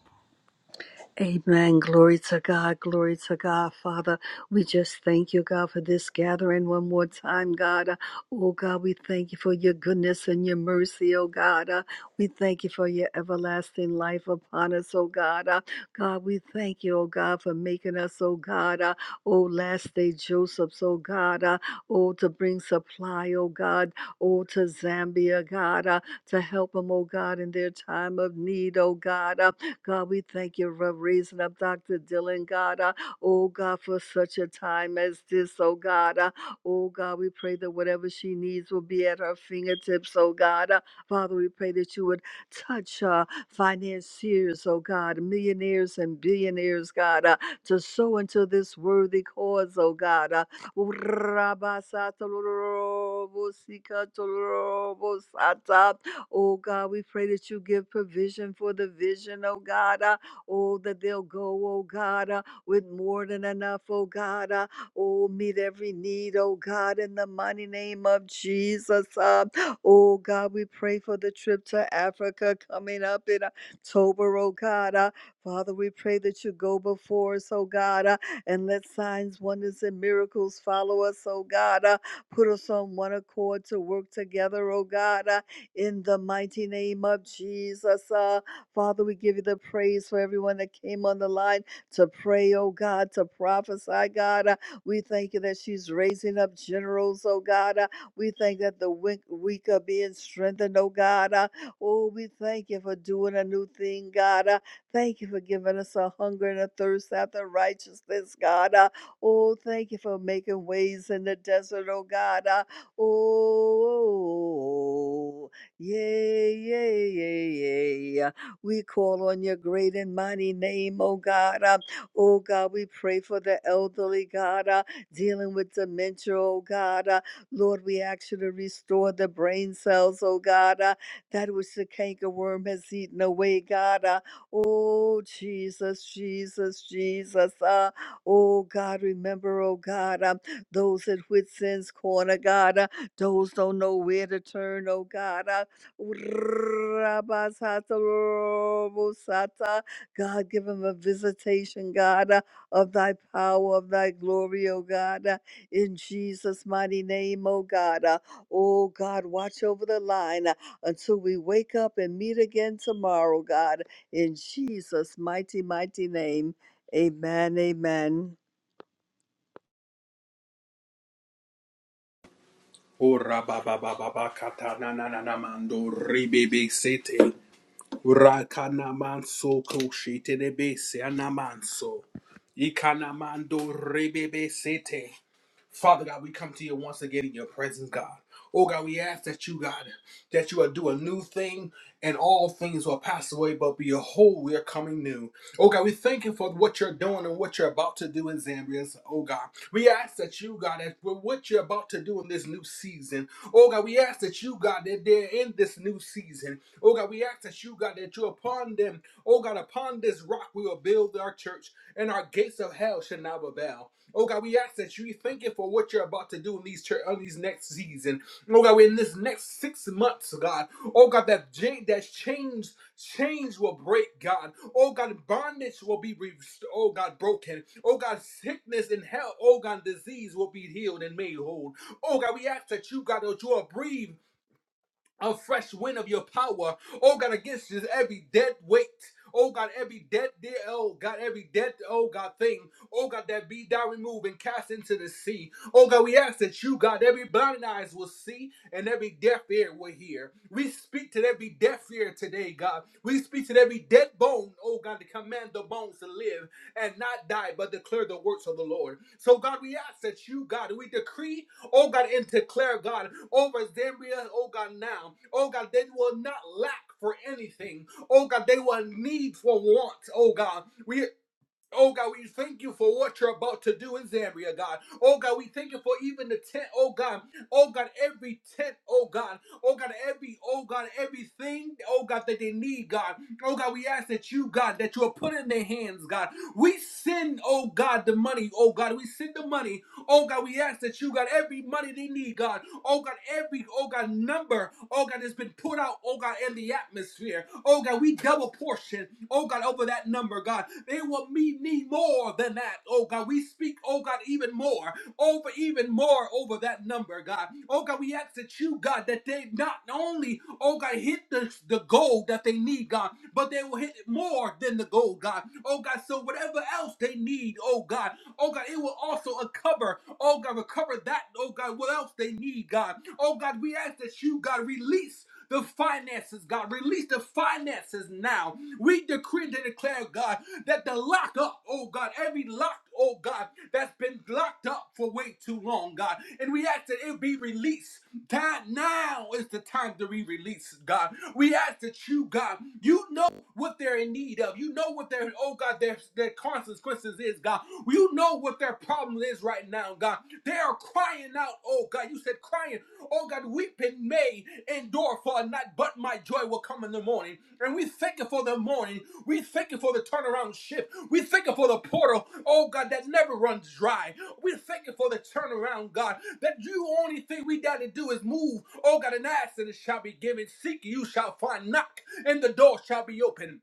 Amen. Glory to God. Glory to God. Father, we just thank you, God, for this gathering one more time, God. Uh, Oh, God, we thank you for your goodness and your mercy, oh, God. Uh, We thank you for your everlasting life upon us, oh, God. Uh, God, we thank you, oh, God, for making us, oh, God. uh, Oh, last day Joseph's, oh, God. uh, Oh, to bring supply, oh, God. Oh, to Zambia, God. uh, To help them, oh, God, in their time of need, oh, God. Uh, God, we thank you for raising up Dr. Dylan, God. Uh, oh, God, for such a time as this, oh, God. Uh, oh, God, we pray that whatever she needs will be at her fingertips, oh, God. Uh, Father, we pray that you would touch uh, financiers, oh, God, millionaires and billionaires, God, uh, to sow into this worthy cause, oh, God. Uh, Oh God, we pray that you give provision for the vision, oh God. Uh, oh, that they'll go, oh God, uh, with more than enough, oh God. Uh, oh, meet every need, oh God, in the mighty name of Jesus. Uh, oh God, we pray for the trip to Africa coming up in October, oh God. Uh, Father, we pray that you go before us, oh God, uh, and let signs, wonders, and miracles follow us, oh God. Uh, put us on one accord to work together, oh God. Uh, in the mighty name of Jesus. Uh, Father, we give you the praise for everyone that came on the line to pray, oh God, to prophesy, God. Uh, we thank you that she's raising up generals, oh God. Uh, we thank that the weak, weak are being strengthened, oh God. Uh, oh, we thank you for doing a new thing, God. Uh, thank you for giving us a hunger and a thirst after righteousness, God. Uh, oh, thank you for making ways in the desert, oh God. Uh, oh. Yea, yea, yea, yea. We call on your great and mighty name, oh God. Uh, oh God, we pray for the elderly, God, uh, dealing with dementia, oh God. Uh, Lord, we ask you to restore the brain cells, oh God, uh, that which the cankerworm has eaten away, God. Uh, oh Jesus, Jesus, Jesus. Uh, oh God, remember, oh God, um, those at Whitson's Corner, God. Uh, those don't know where to turn, oh God. Uh, Rabasata, God, give him a visitation, God, uh, of thy power, of thy glory, oh God, uh, in Jesus' mighty name, oh God. Uh, Oh God, watch over the line uh, until we wake up and meet again tomorrow, God, in Jesus' mighty, mighty name. Amen, amen. Ora baba baba bakata na na na na mando ribebe sete rakana manso koshite de bese anamanso ikana mando ribebe sete. Father God, we come to you once again in your presence, God. Oh God, we ask that you, God, that you will do a new thing, and all things will pass away, but behold, we are coming new. Oh God, we thank you for what you're doing and what you're about to do in Zambia. So, Oh God, we ask that you, God, as for what you're about to do in this new season. Oh God, we ask that you, God, that they're in this new season. Oh God, we ask that you, God, that you're upon them. Oh God, upon this rock we will build our church, and our gates of hell shall not prevail. Oh God, we ask that you thank you for what you're about to do in these church on these next season. Oh God, in this next six months, God. Oh God, that change, that change Chains will break, God. Oh God, bondage will be, re- oh God, broken. Oh God, sickness and hell, oh God, disease will be healed and made whole. Oh God, we ask that you, God, that you will breathe a fresh wind of your power. Oh God, against this every dead weight. Oh God, every dead dear, oh God, every dead, oh God, thing, oh God, that be thou removed and cast into the sea. Oh God, we ask that you, God, every blind eyes will see and every deaf ear will hear. We speak to every deaf ear today, God. We speak to every dead bone, oh God, to command the bones to live and not die, but declare the works of the Lord. So God, we ask that you, God, we decree oh God, and declare, God, over Zambia, oh God, now, oh God, they will not lack for anything, oh God, they will need for want, oh God. We Oh God, we thank you for what you're about to do in Zambia, God. Oh God, we thank you for even the tent, oh God. Oh God, every tent, oh God. Oh God, every, oh God, everything, oh God, that they need, God. Oh God, we ask that you, God, that you will put in their hands, God. We send, oh God, the money, oh God. We send the money Oh God, we ask that you got every money they need, God. Oh God, every oh God number, oh God, that's been put out, oh God, in the atmosphere. Oh God, we double portion, oh God, over that number, God. They will me need more than that. Oh God, we speak, oh God, even more, over even more over that number, God. Oh God, we ask that you, God, that they not only, oh God, hit the, the goal that they need, God, but they will hit more than the goal, God. Oh God, so whatever else they need, oh God. Oh God, it will also cover, oh God, recover that, oh God, what else they need, God. Oh God, we ask that you, God, release the finances, God. Release the finances now. We decree and declare, God, that the lock up, oh God, every lock, oh God, that's been locked up for way too long, God. And we ask that it be released. Time now is the time to be released, God. We ask that you, God, you know what they're in need of. You know what their oh God, their their consequences is, God. You know what their problem is right now, God. They are crying out, oh God. You said crying, oh God, weeping may endure for a night, but my joy will come in the morning. And we thank you for the the morning. We thank you for the turnaround shift. We thank you for the portal, oh God, that never runs dry. We thank you for the turnaround, God, that you only thing we got to do is move. Oh God, and ask and it shall be given. Seek you shall find. Knock and the door shall be open.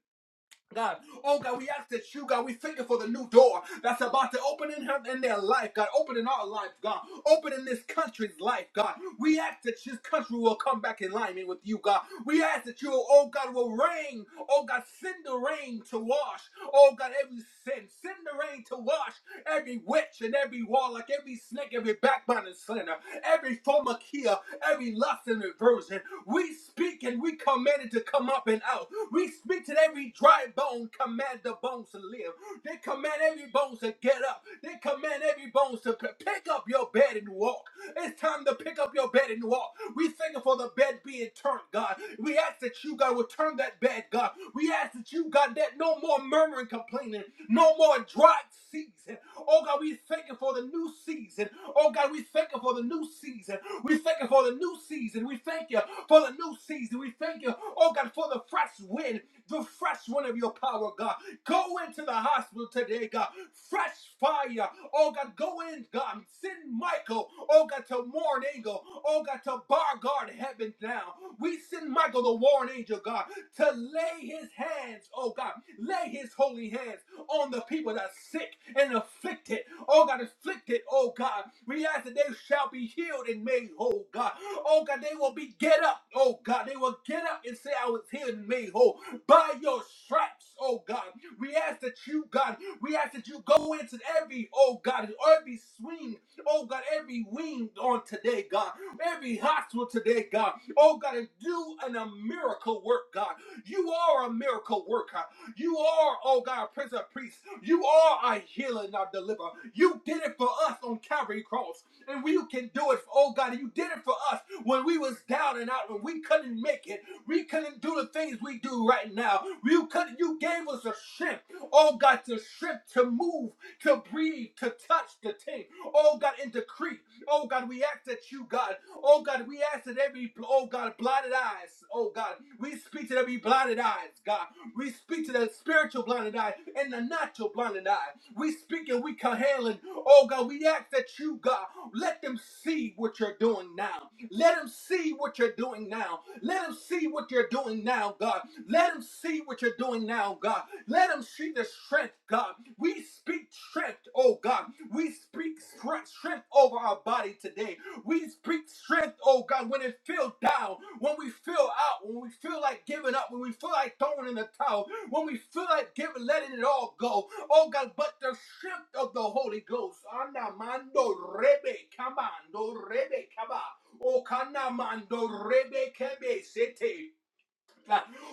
God, oh God, we ask that you, God, we thank you for the new door that's about to open in her in their life, God. Open in our life, God. Open in this country's life, God. We ask that this country will come back in alignment with you, God. We ask that you, oh God, will rain, oh God, send the rain to wash, oh God, every sin. Send the rain to wash every witch and every warlock, like every snake, every backbiting sinner, every formakia, every lust and perversion. We speak and we command it to come up and out. We speak to every dry bone, command the bones to live. They command every bones to get up. They command every bones to p- pick up your bed and walk. It's time to pick up your bed and walk. We thank you for the bed being turned, God. We ask that you, God, will turn that bed, God. We ask that you, God, that no more murmuring, complaining, no more dry season. Oh, God, we thank you for the new season. Oh, God, we thank you for the new season. We thank you for the new season. We thank you for the new season. We thank you, oh, God, for the fresh wind, the fresh wind of your power, God. Go into the hospital today, God. Fresh fire. Oh, God, go in, God. Send Michael, oh, God, to warn angel. Oh, God, to bar guard heaven now. We send Michael, the warn angel, God, to lay his hands, oh, God, lay his holy hands on the people that are sick and afflicted. Oh, God, afflicted, oh, God. We ask that they shall be healed and made whole, God. Oh, God, they will be get up, oh, God. They will get up and say, I was healed and made whole by your stripes, oh God. We ask that you, God, we ask that you go into every, oh God, every swing, oh God, every wing on today, God, every hospital today, God, oh God, and do an, a miracle work, God. You are a miracle worker. You are, oh God, Prince of Priests. You are a healer and our deliverer. You did it for us on Calvary Cross, and we can do it, oh God, you did it for us when we was down and out, when we couldn't make it. We couldn't do the things we do right now. You could you gave us a strength. Oh God, to strength to move, to breathe, to touch to thing. Oh God, and to creep. Oh God, we ask that you, God. Oh God, we ask that every oh God blinded eyes. Oh God, we speak to every blinded eyes, God. We speak to the spiritual blinded eye and the natural blinded eye. We speak and we command. and, Oh God, we ask that you, God, let them see what you're doing now. Let them see what you're doing now. Let him see what you're doing now, God. Let him see what you're doing now, God. Let him see the strength, God. We speak strength, oh God. We speak stre- strength over our body today. We speak strength, oh God, when it feels down, when we feel out, when we feel like giving up, when we feel like throwing in the towel, when we feel like giving, letting it all go. Oh God, but the strength of the Holy Ghost. Anamando rebe, kamando rebe, kaba. Okana mando rebe kebe sete.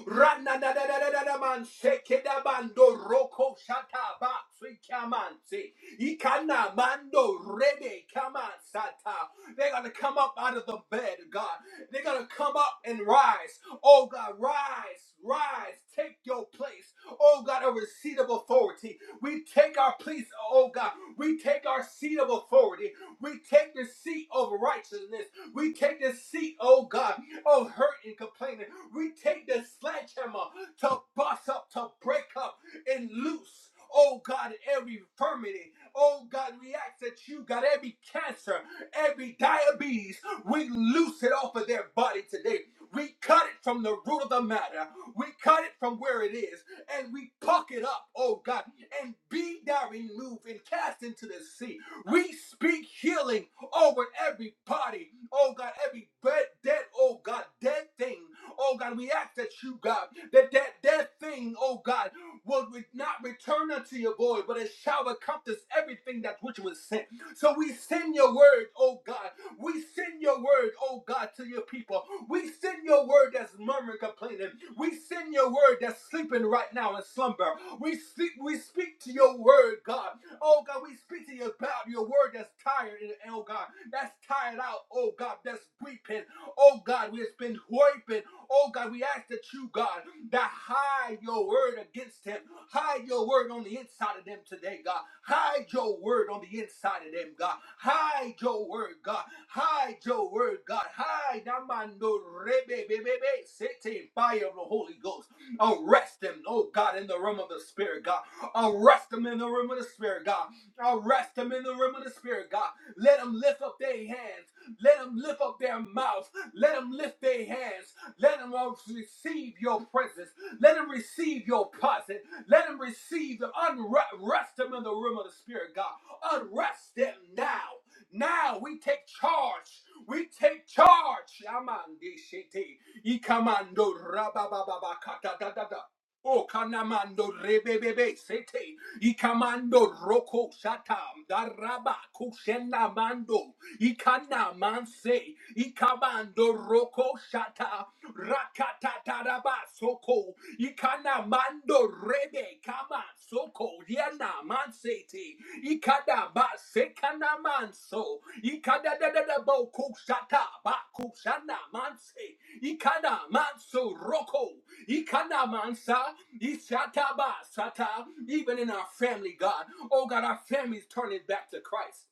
Rana da da da da da da man! Ranadadadadadaman sekedabando roko shataba sikamansi. Ikana mando rebe kamansata. They're gonna come up out of the bed, God. They're gonna come up and rise. Oh God, rise, rise, take your place. Oh God, a receipt of authority. We take our place, oh God. We take our seat of authority. We take the seat of righteousness. We take the seat, oh God, of hurt and complaining. We take the sledgehammer to bust up, to break up, and loose. Oh God, every infirmity. Oh God, we ask that you got every cancer, every diabetes. We loose it off of their body today. We cut it from the root of the matter. We cut it from where it is and we puck it up, oh God, and be thou removed and cast into the sea. We speak healing over every body, oh God, every bed, dead, oh God, dead thing. Oh God, we ask that you, God, that that, that thing, oh God, will re- not return unto your void, but it shall accomplish everything that which was sent. So we send your word, oh God. We send your word, oh God, to your people. We send your word that's murmuring, complaining. We send your word that's sleeping right now in slumber. We sleep, we speak to your word, God. Oh God, we speak to you about your word that's tired, and oh God, that's tired out, oh God, that's weeping. Oh God, we have been hoping. Oh God, we ask that you, God, that hide your word against him. Hide your word on the inside of them today, God. Hide your word on the inside of them, God. Hide your word, God. Hide your word, God. Hide Amando Rebe Bebe Be, be, Sete, fire of the Holy Ghost. Arrest them, oh God, in the realm of the Spirit, God. Arrest them in the realm of the Spirit, God. Arrest them in the realm of the Spirit, God. Let them lift up their hands. Let them lift up their mouths. Let them lift their hands. Let them receive your presence. Let them receive your presence. Let them receive the unrest them in the room of the Spirit, God. Unrest them now. Now we take charge. We take charge. Yamande shete. Ikamando rabababa kata da da da. O kanamando rebebebe sete. Ikamando roko shatam daraba kushenamando. Ikana manse, ikamando roko shata, rakata taraba soko, ikana mando rebe kama soko, yana mansete, ikada ba sekana manso, ikada da da da bo kushata, ba kushana manse, ikana manso roko, ikana mansa, ishata ba sata, even in our family, God, oh God, our families turning back to Christ.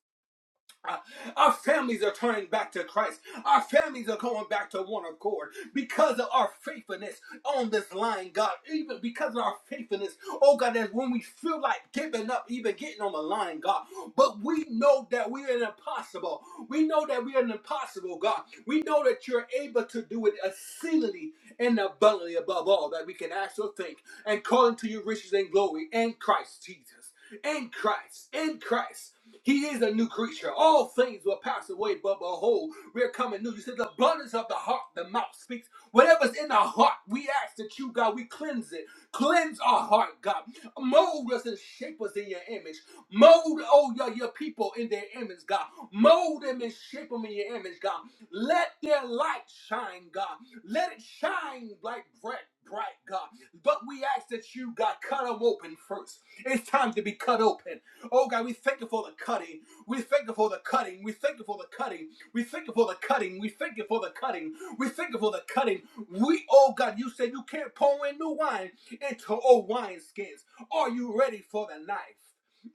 Uh, Our families are turning back to Christ. Our families are going back to one accord because of our faithfulness on this line, God. Even because of our faithfulness, oh God, that's when we feel like giving up, even getting on the line, God. But we know that we are impossible. We know that we are impossible, God. We know that you're able to do it exceedingly and abundantly above all that we can ask or think, and calling to your riches and glory in Christ Jesus in Christ, in Christ. He is a new creature. All things will pass away, but behold, we're coming new. You said the abundance of the heart, the mouth speaks. Whatever's in the heart, we ask that you, God, we cleanse it. Cleanse our heart, God. Mold us and shape us in your image. Mold, oh, your, your people in their image, God. Mold them and shape them in your image, God. Let their light shine, God. Let it shine like bright, bright, God. But we ask that you, God, cut them open first. It's time to be cut open. Oh God, we thank you for the cutting. We thank you for the cutting. We thank you for the cutting. We thank you for the cutting. We thank you for the cutting. We thank you for the cutting. We, oh God, you said you can't pour in new wine into old wineskins. Are you ready for the knife?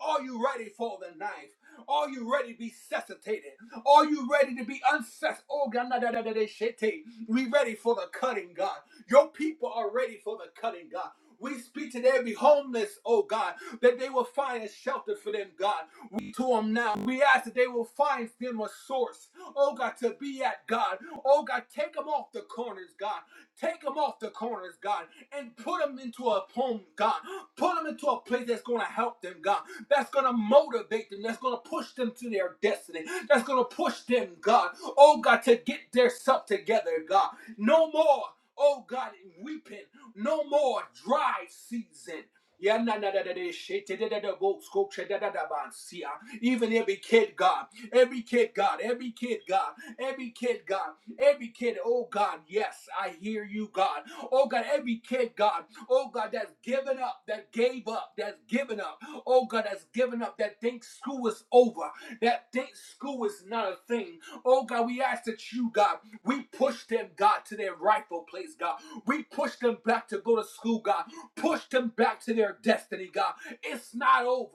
Are you ready for the knife? Are you ready to be resuscitated? Are you ready to be uncessed? Oh God, na- da- da- da- da- shit. hey. We ready for the cutting, God. Your people are ready for the cutting, God. We speak to every homeless, oh God, that they will find a shelter for them, God. We to them now. We ask that they will find them a source, oh God, to be at, God. Oh God, take them off the corners, God. Take them off the corners, God, and put them into a home, God. Put them into a place that's going to help them, God. That's going to motivate them. That's going to push them to their destiny. That's going to push them, God. Oh God, to get their stuff together, God. No more. Oh God, weeping. No more dry season. Yeah, na na da da da shit, da da da da go, scope, shit, da da da ban, see, ah. Even every kid, God, every kid, God, every kid, God, every kid, God, every kid, oh God, yes, I hear you, God. Oh God, every kid, God, oh God, that's given up, that gave up, that's given up, oh God, that's given up, that thinks school is over, that thinks school is not a thing. Oh God, we ask that you, God, we push them, God, to their rightful place, God. We push them back to go to school, God. Push them back to their destiny, God. It's not over.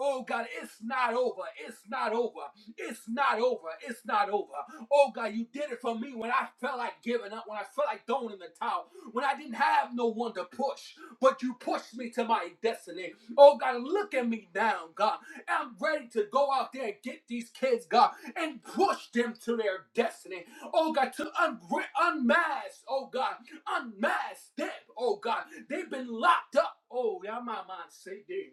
Oh, God, it's not over. It's not over. It's not over. It's not over. Oh, God, you did it for me when I felt like giving up, when I felt like throwing in the towel, when I didn't have no one to push, but you pushed me to my destiny. Oh, God, look at me now, God. I'm ready to go out there and get these kids, God, and push them to their destiny. Oh, God, to un- unmask, oh, God. Unmask them, oh God. They've been locked up. Oh, yeah, my mind say, damn.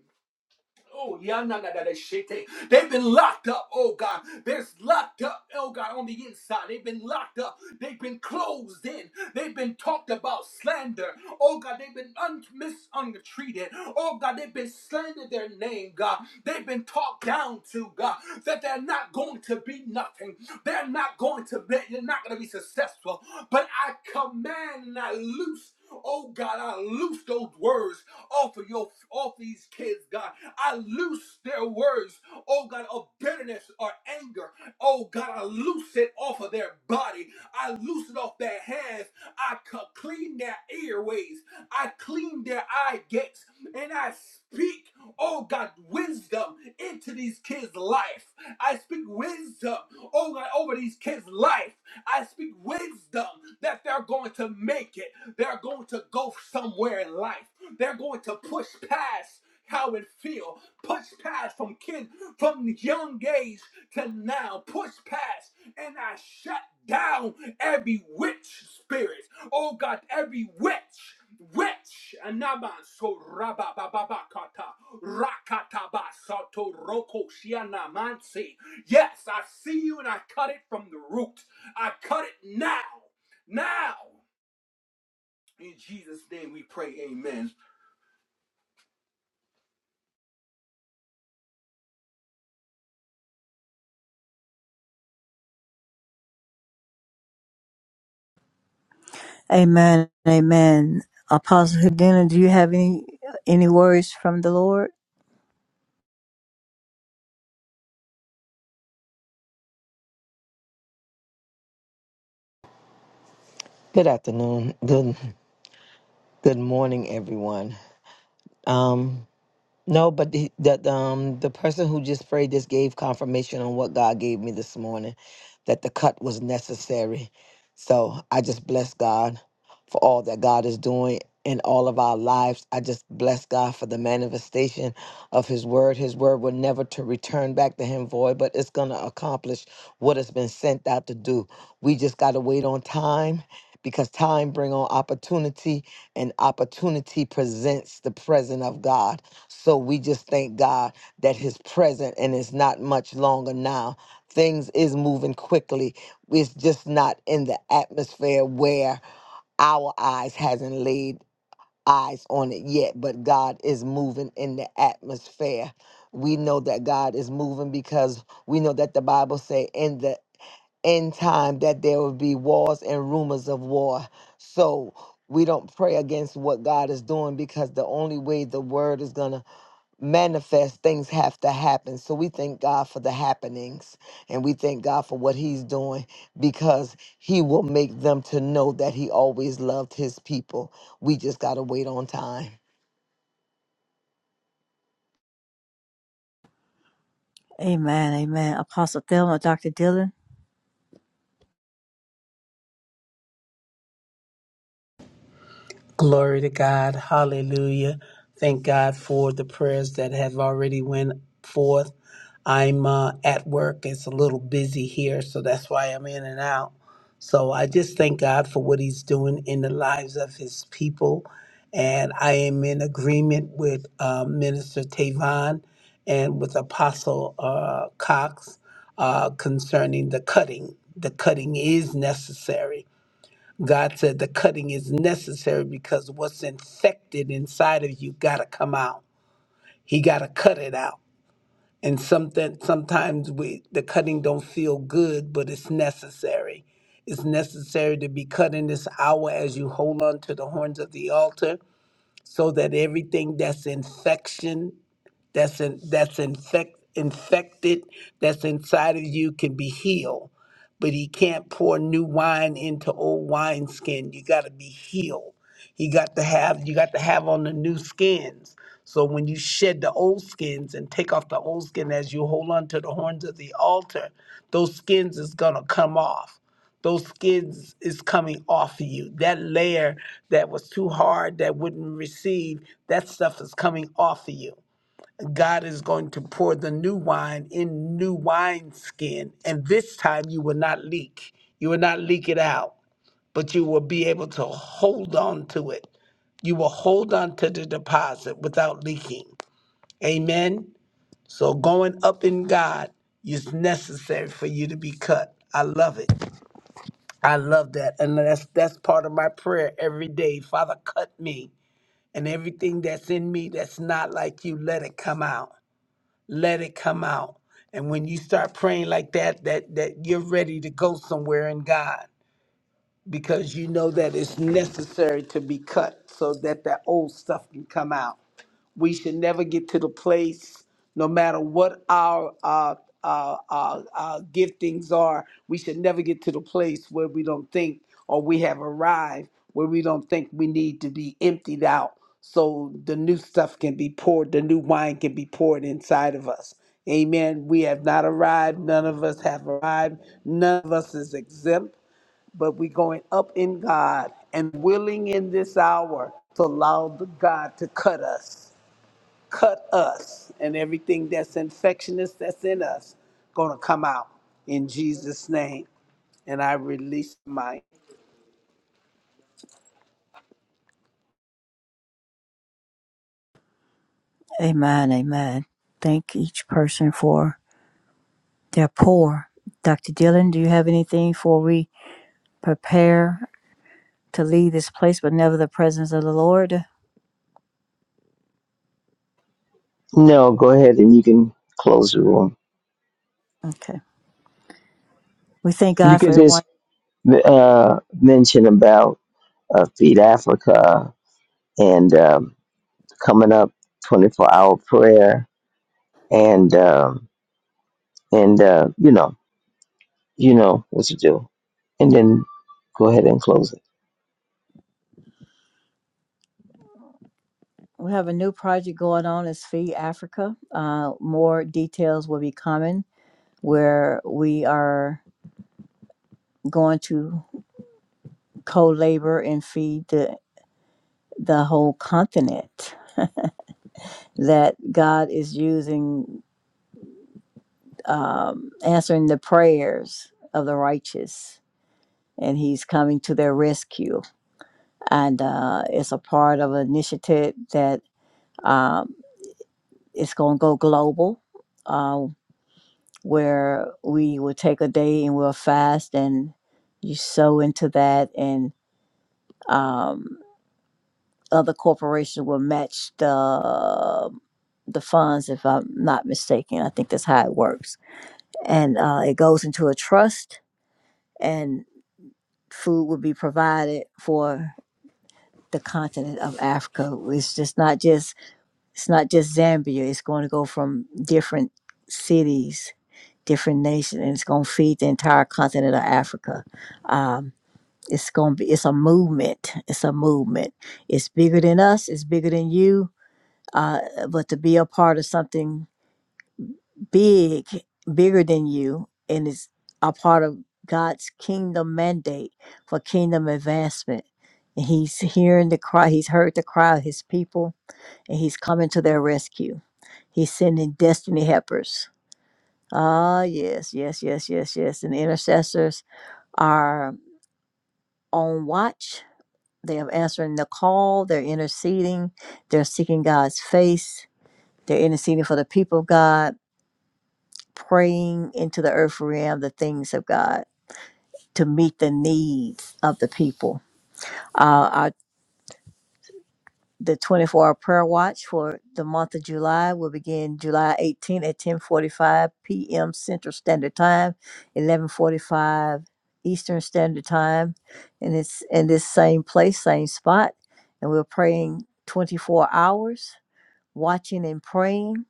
Oh, yananadadashete. They've been locked up, oh God. They're locked up, oh God, on the inside. They've been locked up. They've been closed in. They've been talked about slander. Oh God, they've been un- mistreated. Oh God, they've been slandered their name, God. They've been talked down to, God, that they're not going to be nothing. They're not going to be, they're not going to be successful. But I command and I loose. Oh God, I loose those words off of your off these kids, God. I loose their words, oh God, of bitterness or anger. Oh God, I loose it off of their body. I loose it off their hands. I c- clean their airways. I clean their eye gates. And I speak, oh God, wisdom into these kids' life. I speak wisdom, oh God, over these kids' life. I speak wisdom that they're going to make it. They're going to go somewhere in life. They're going to push past how it feel. Push past from kid from young age to now. Push past and I shut down every witch spirit. Oh God, every witch. Witch anaman so rabababakata rakataba sato roko shianamansi. Yes, I see you and I cut it from the root. I cut it now. Now. In Jesus' name we pray, amen. Amen. Amen. Apostle Hedina, do you have any any words from the Lord? Good afternoon. Good good morning, everyone. Um, no, but the, that um the person who just prayed this gave confirmation on what God gave me this morning, that the cut was necessary. So I just bless God for all that God is doing in all of our lives. I just bless God for the manifestation of His word. His word will never to return back to Him void, but it's gonna accomplish what it's been sent out to do. We just gotta wait on time. Because time bring on opportunity, and opportunity presents the present of God. So we just thank God that His present and it's not much longer now. Things is moving quickly. It's just not in the atmosphere where our eyes hasn't laid eyes on it yet, but God is moving in the atmosphere. We know that God is moving because we know that the Bible say in the end time that there will be wars and rumors of war. So we don't pray against what God is doing because the only way the word is going to manifest, things have to happen. So we thank God for the happenings and we thank God for what He's doing because He will make them to know that He always loved His people. We just got to wait on time. Amen. Amen. Apostle Thelma, Dr. Dillon. Glory to God. Hallelujah. Thank God for the prayers that have already went forth. I'm uh, at work. It's a little busy here, so that's why I'm in and out. So I just thank God for what he's doing in the lives of his people. And I am in agreement with uh, Minister Tavon and with Apostle uh, Cox uh, concerning the cutting. The cutting is necessary God said the cutting is necessary because what's infected inside of you got to come out. He got to cut it out. And something sometimes we the cutting don't feel good, but it's necessary. It's necessary to be cut in this hour as you hold on to the horns of the altar so that everything that's infection that's in, that's infect, infected that's inside of you can be healed but he can't pour new wine into old wineskin you got to be healed you got to have you got to have on the new skins so when you shed the old skins and take off the old skin as you hold on to the horns of the altar those skins is going to come off those skids is coming off of you. That layer that was too hard that wouldn't receive, that stuff is coming off of you. God is going to pour the new wine in new wine skin, and this time you will not leak. You will not leak it out, but you will be able to hold on to it. You will hold on to the deposit without leaking. Amen. So going up in God is necessary for you to be cut. I love it. I love that. And that's that's part of my prayer every day. Father, cut me and everything that's in me that's not like you, let it come out. Let it come out. And when you start praying like that, that that you're ready to go somewhere in God because you know that it's necessary to be cut so that that old stuff can come out. We should never get to the place, no matter what our uh, uh, uh, uh, giftings are, we should never get to the place where we don't think or we have arrived where we don't think we need to be emptied out so the new stuff can be poured, the new wine can be poured inside of us. Amen. We have not arrived. None of us have arrived. None of us is exempt, but we're going up in God and willing in this hour to allow the God to cut us cut us and everything that's infectious that's in us gonna come out in Jesus' name. And I release mine. Amen. Amen. Thank each person for their pour. Dr. Dillon, do you have anything for we prepare to leave this place but never the presence of the Lord? No, go ahead and you can close the room. Okay. We thank You God for can just everyone. uh, mention about uh, Feed Africa and um, coming up 24 hour prayer and, um, and uh, you know, you know what to do. And then go ahead and close it. We have a new project going on. It's Feed Africa. Uh, more details will be coming where we are going to. co-labor and feed the, the whole continent that god is using um, answering the prayers of the righteous and he's coming to their rescue and uh, it's a part of an initiative that um, it's going to go global uh, where we will take a day and we'll fast and you sow into that and um, other corporations will match the the funds, if I'm not mistaken. I think that's how it works. And uh, it goes into a trust, and food will be provided for the continent of Africa. It's just not just it's not just Zambia. It's going to go from different cities, different nations, and it's going to feed the entire continent of Africa. Um, it's going to be it's a movement. It's a movement. It's bigger than us. It's bigger than you. Uh, but to be a part of something big, bigger than you, and is a part of God's kingdom mandate for kingdom advancement. And he's hearing the cry, he's heard the cry of his people, and he's coming to their rescue. He's sending destiny helpers. Ah, yes, yes, yes, yes, yes. And intercessors are on watch. They are answering the call, they're interceding, they're seeking God's face, they're interceding for the people of God, praying into the earth realm the things of God to meet the needs of the people. Uh, our, the 24-hour prayer watch for the month of July will begin July 18 at 10:45 p.m. Central Standard Time, 11:45 Eastern Standard Time, and it's in this same place, same spot, and we're praying 24 hours, watching and praying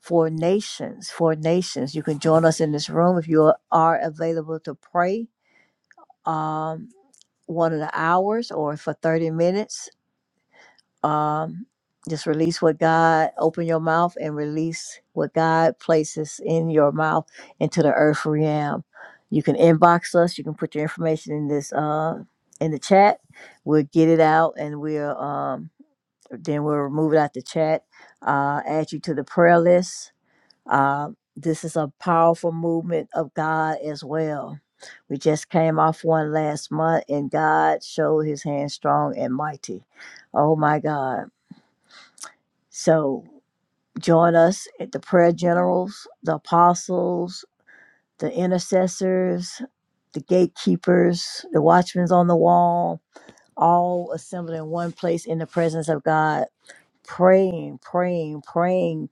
for nations, for nations. You can join us in this room if you are available to pray. Um, one of the hours or for 30 minutes. Um, just release what God, open your mouth and release what God places in your mouth into the earth realm. You can inbox us. You can put your information in this, uh, in the chat. We'll get it out and we'll, um, then we'll remove it out the chat, uh, add you to the prayer list. Uh, this is a powerful movement of God as well we just came off one last month, and God showed his hand strong and mighty. Oh my God. So join us at the prayer generals, the apostles, the intercessors, the gatekeepers, the watchmen on the wall, all assembled in one place in the presence of God, praying, praying, praying,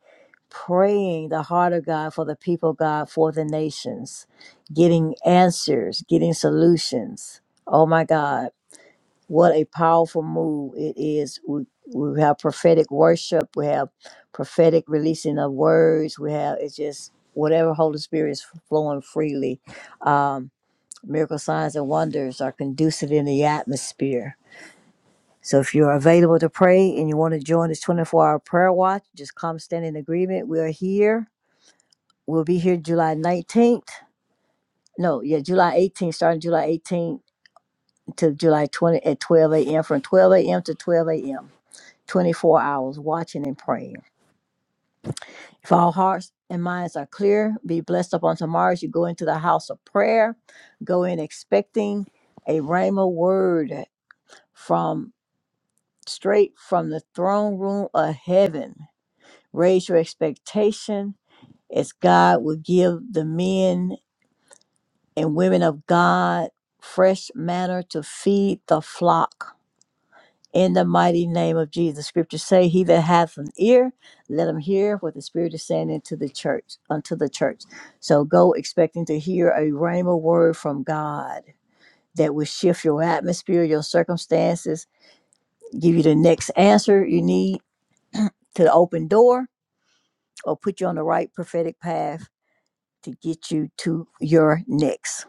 praying the heart of God for the people, of God, for the nations, getting answers, getting solutions. Oh my God what a powerful move it is. We, we have prophetic worship, we have prophetic releasing of words, we have it's just whatever Holy Spirit is flowing freely. Um, miracle signs and wonders are conducive in the atmosphere. So if you're available to pray and you want to join this 24 hour prayer watch, just come stand in agreement. We are here. We'll be here July 19th. No, July 18th, starting July 18th to July 20th at 12 a.m. from 12 a.m. to 12 a.m. 24 hours watching and praying. If our hearts and minds are clear, be blessed up on tomorrow as you go into the house of prayer. Go in expecting a Rhema word from straight from the throne room of heaven. Raise your expectation as God will give the men and women of God fresh manner to feed the flock in the mighty name of Jesus. Scriptures say, He that hath an ear, let him hear what the Spirit is saying into the church, unto the church. So go expecting to hear a rhema word from God that will shift your atmosphere, your circumstances, give you aid to the or or put you on the right path to get you to your next.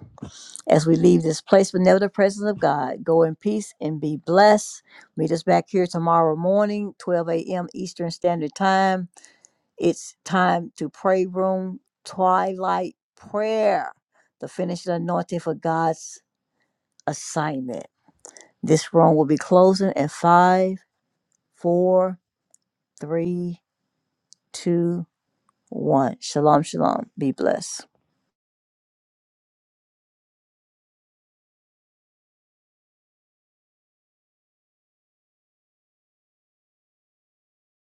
As we leave this place, but never the presence of God, go in peace and be blessed. Meet us back here tomorrow morning, 12 a.m. Eastern Standard Time. It's time to pray room, twilight prayer, the finished anointed assignment. This room will be closing in five, four, three, two, one. Shalom, shalom. Be blessed.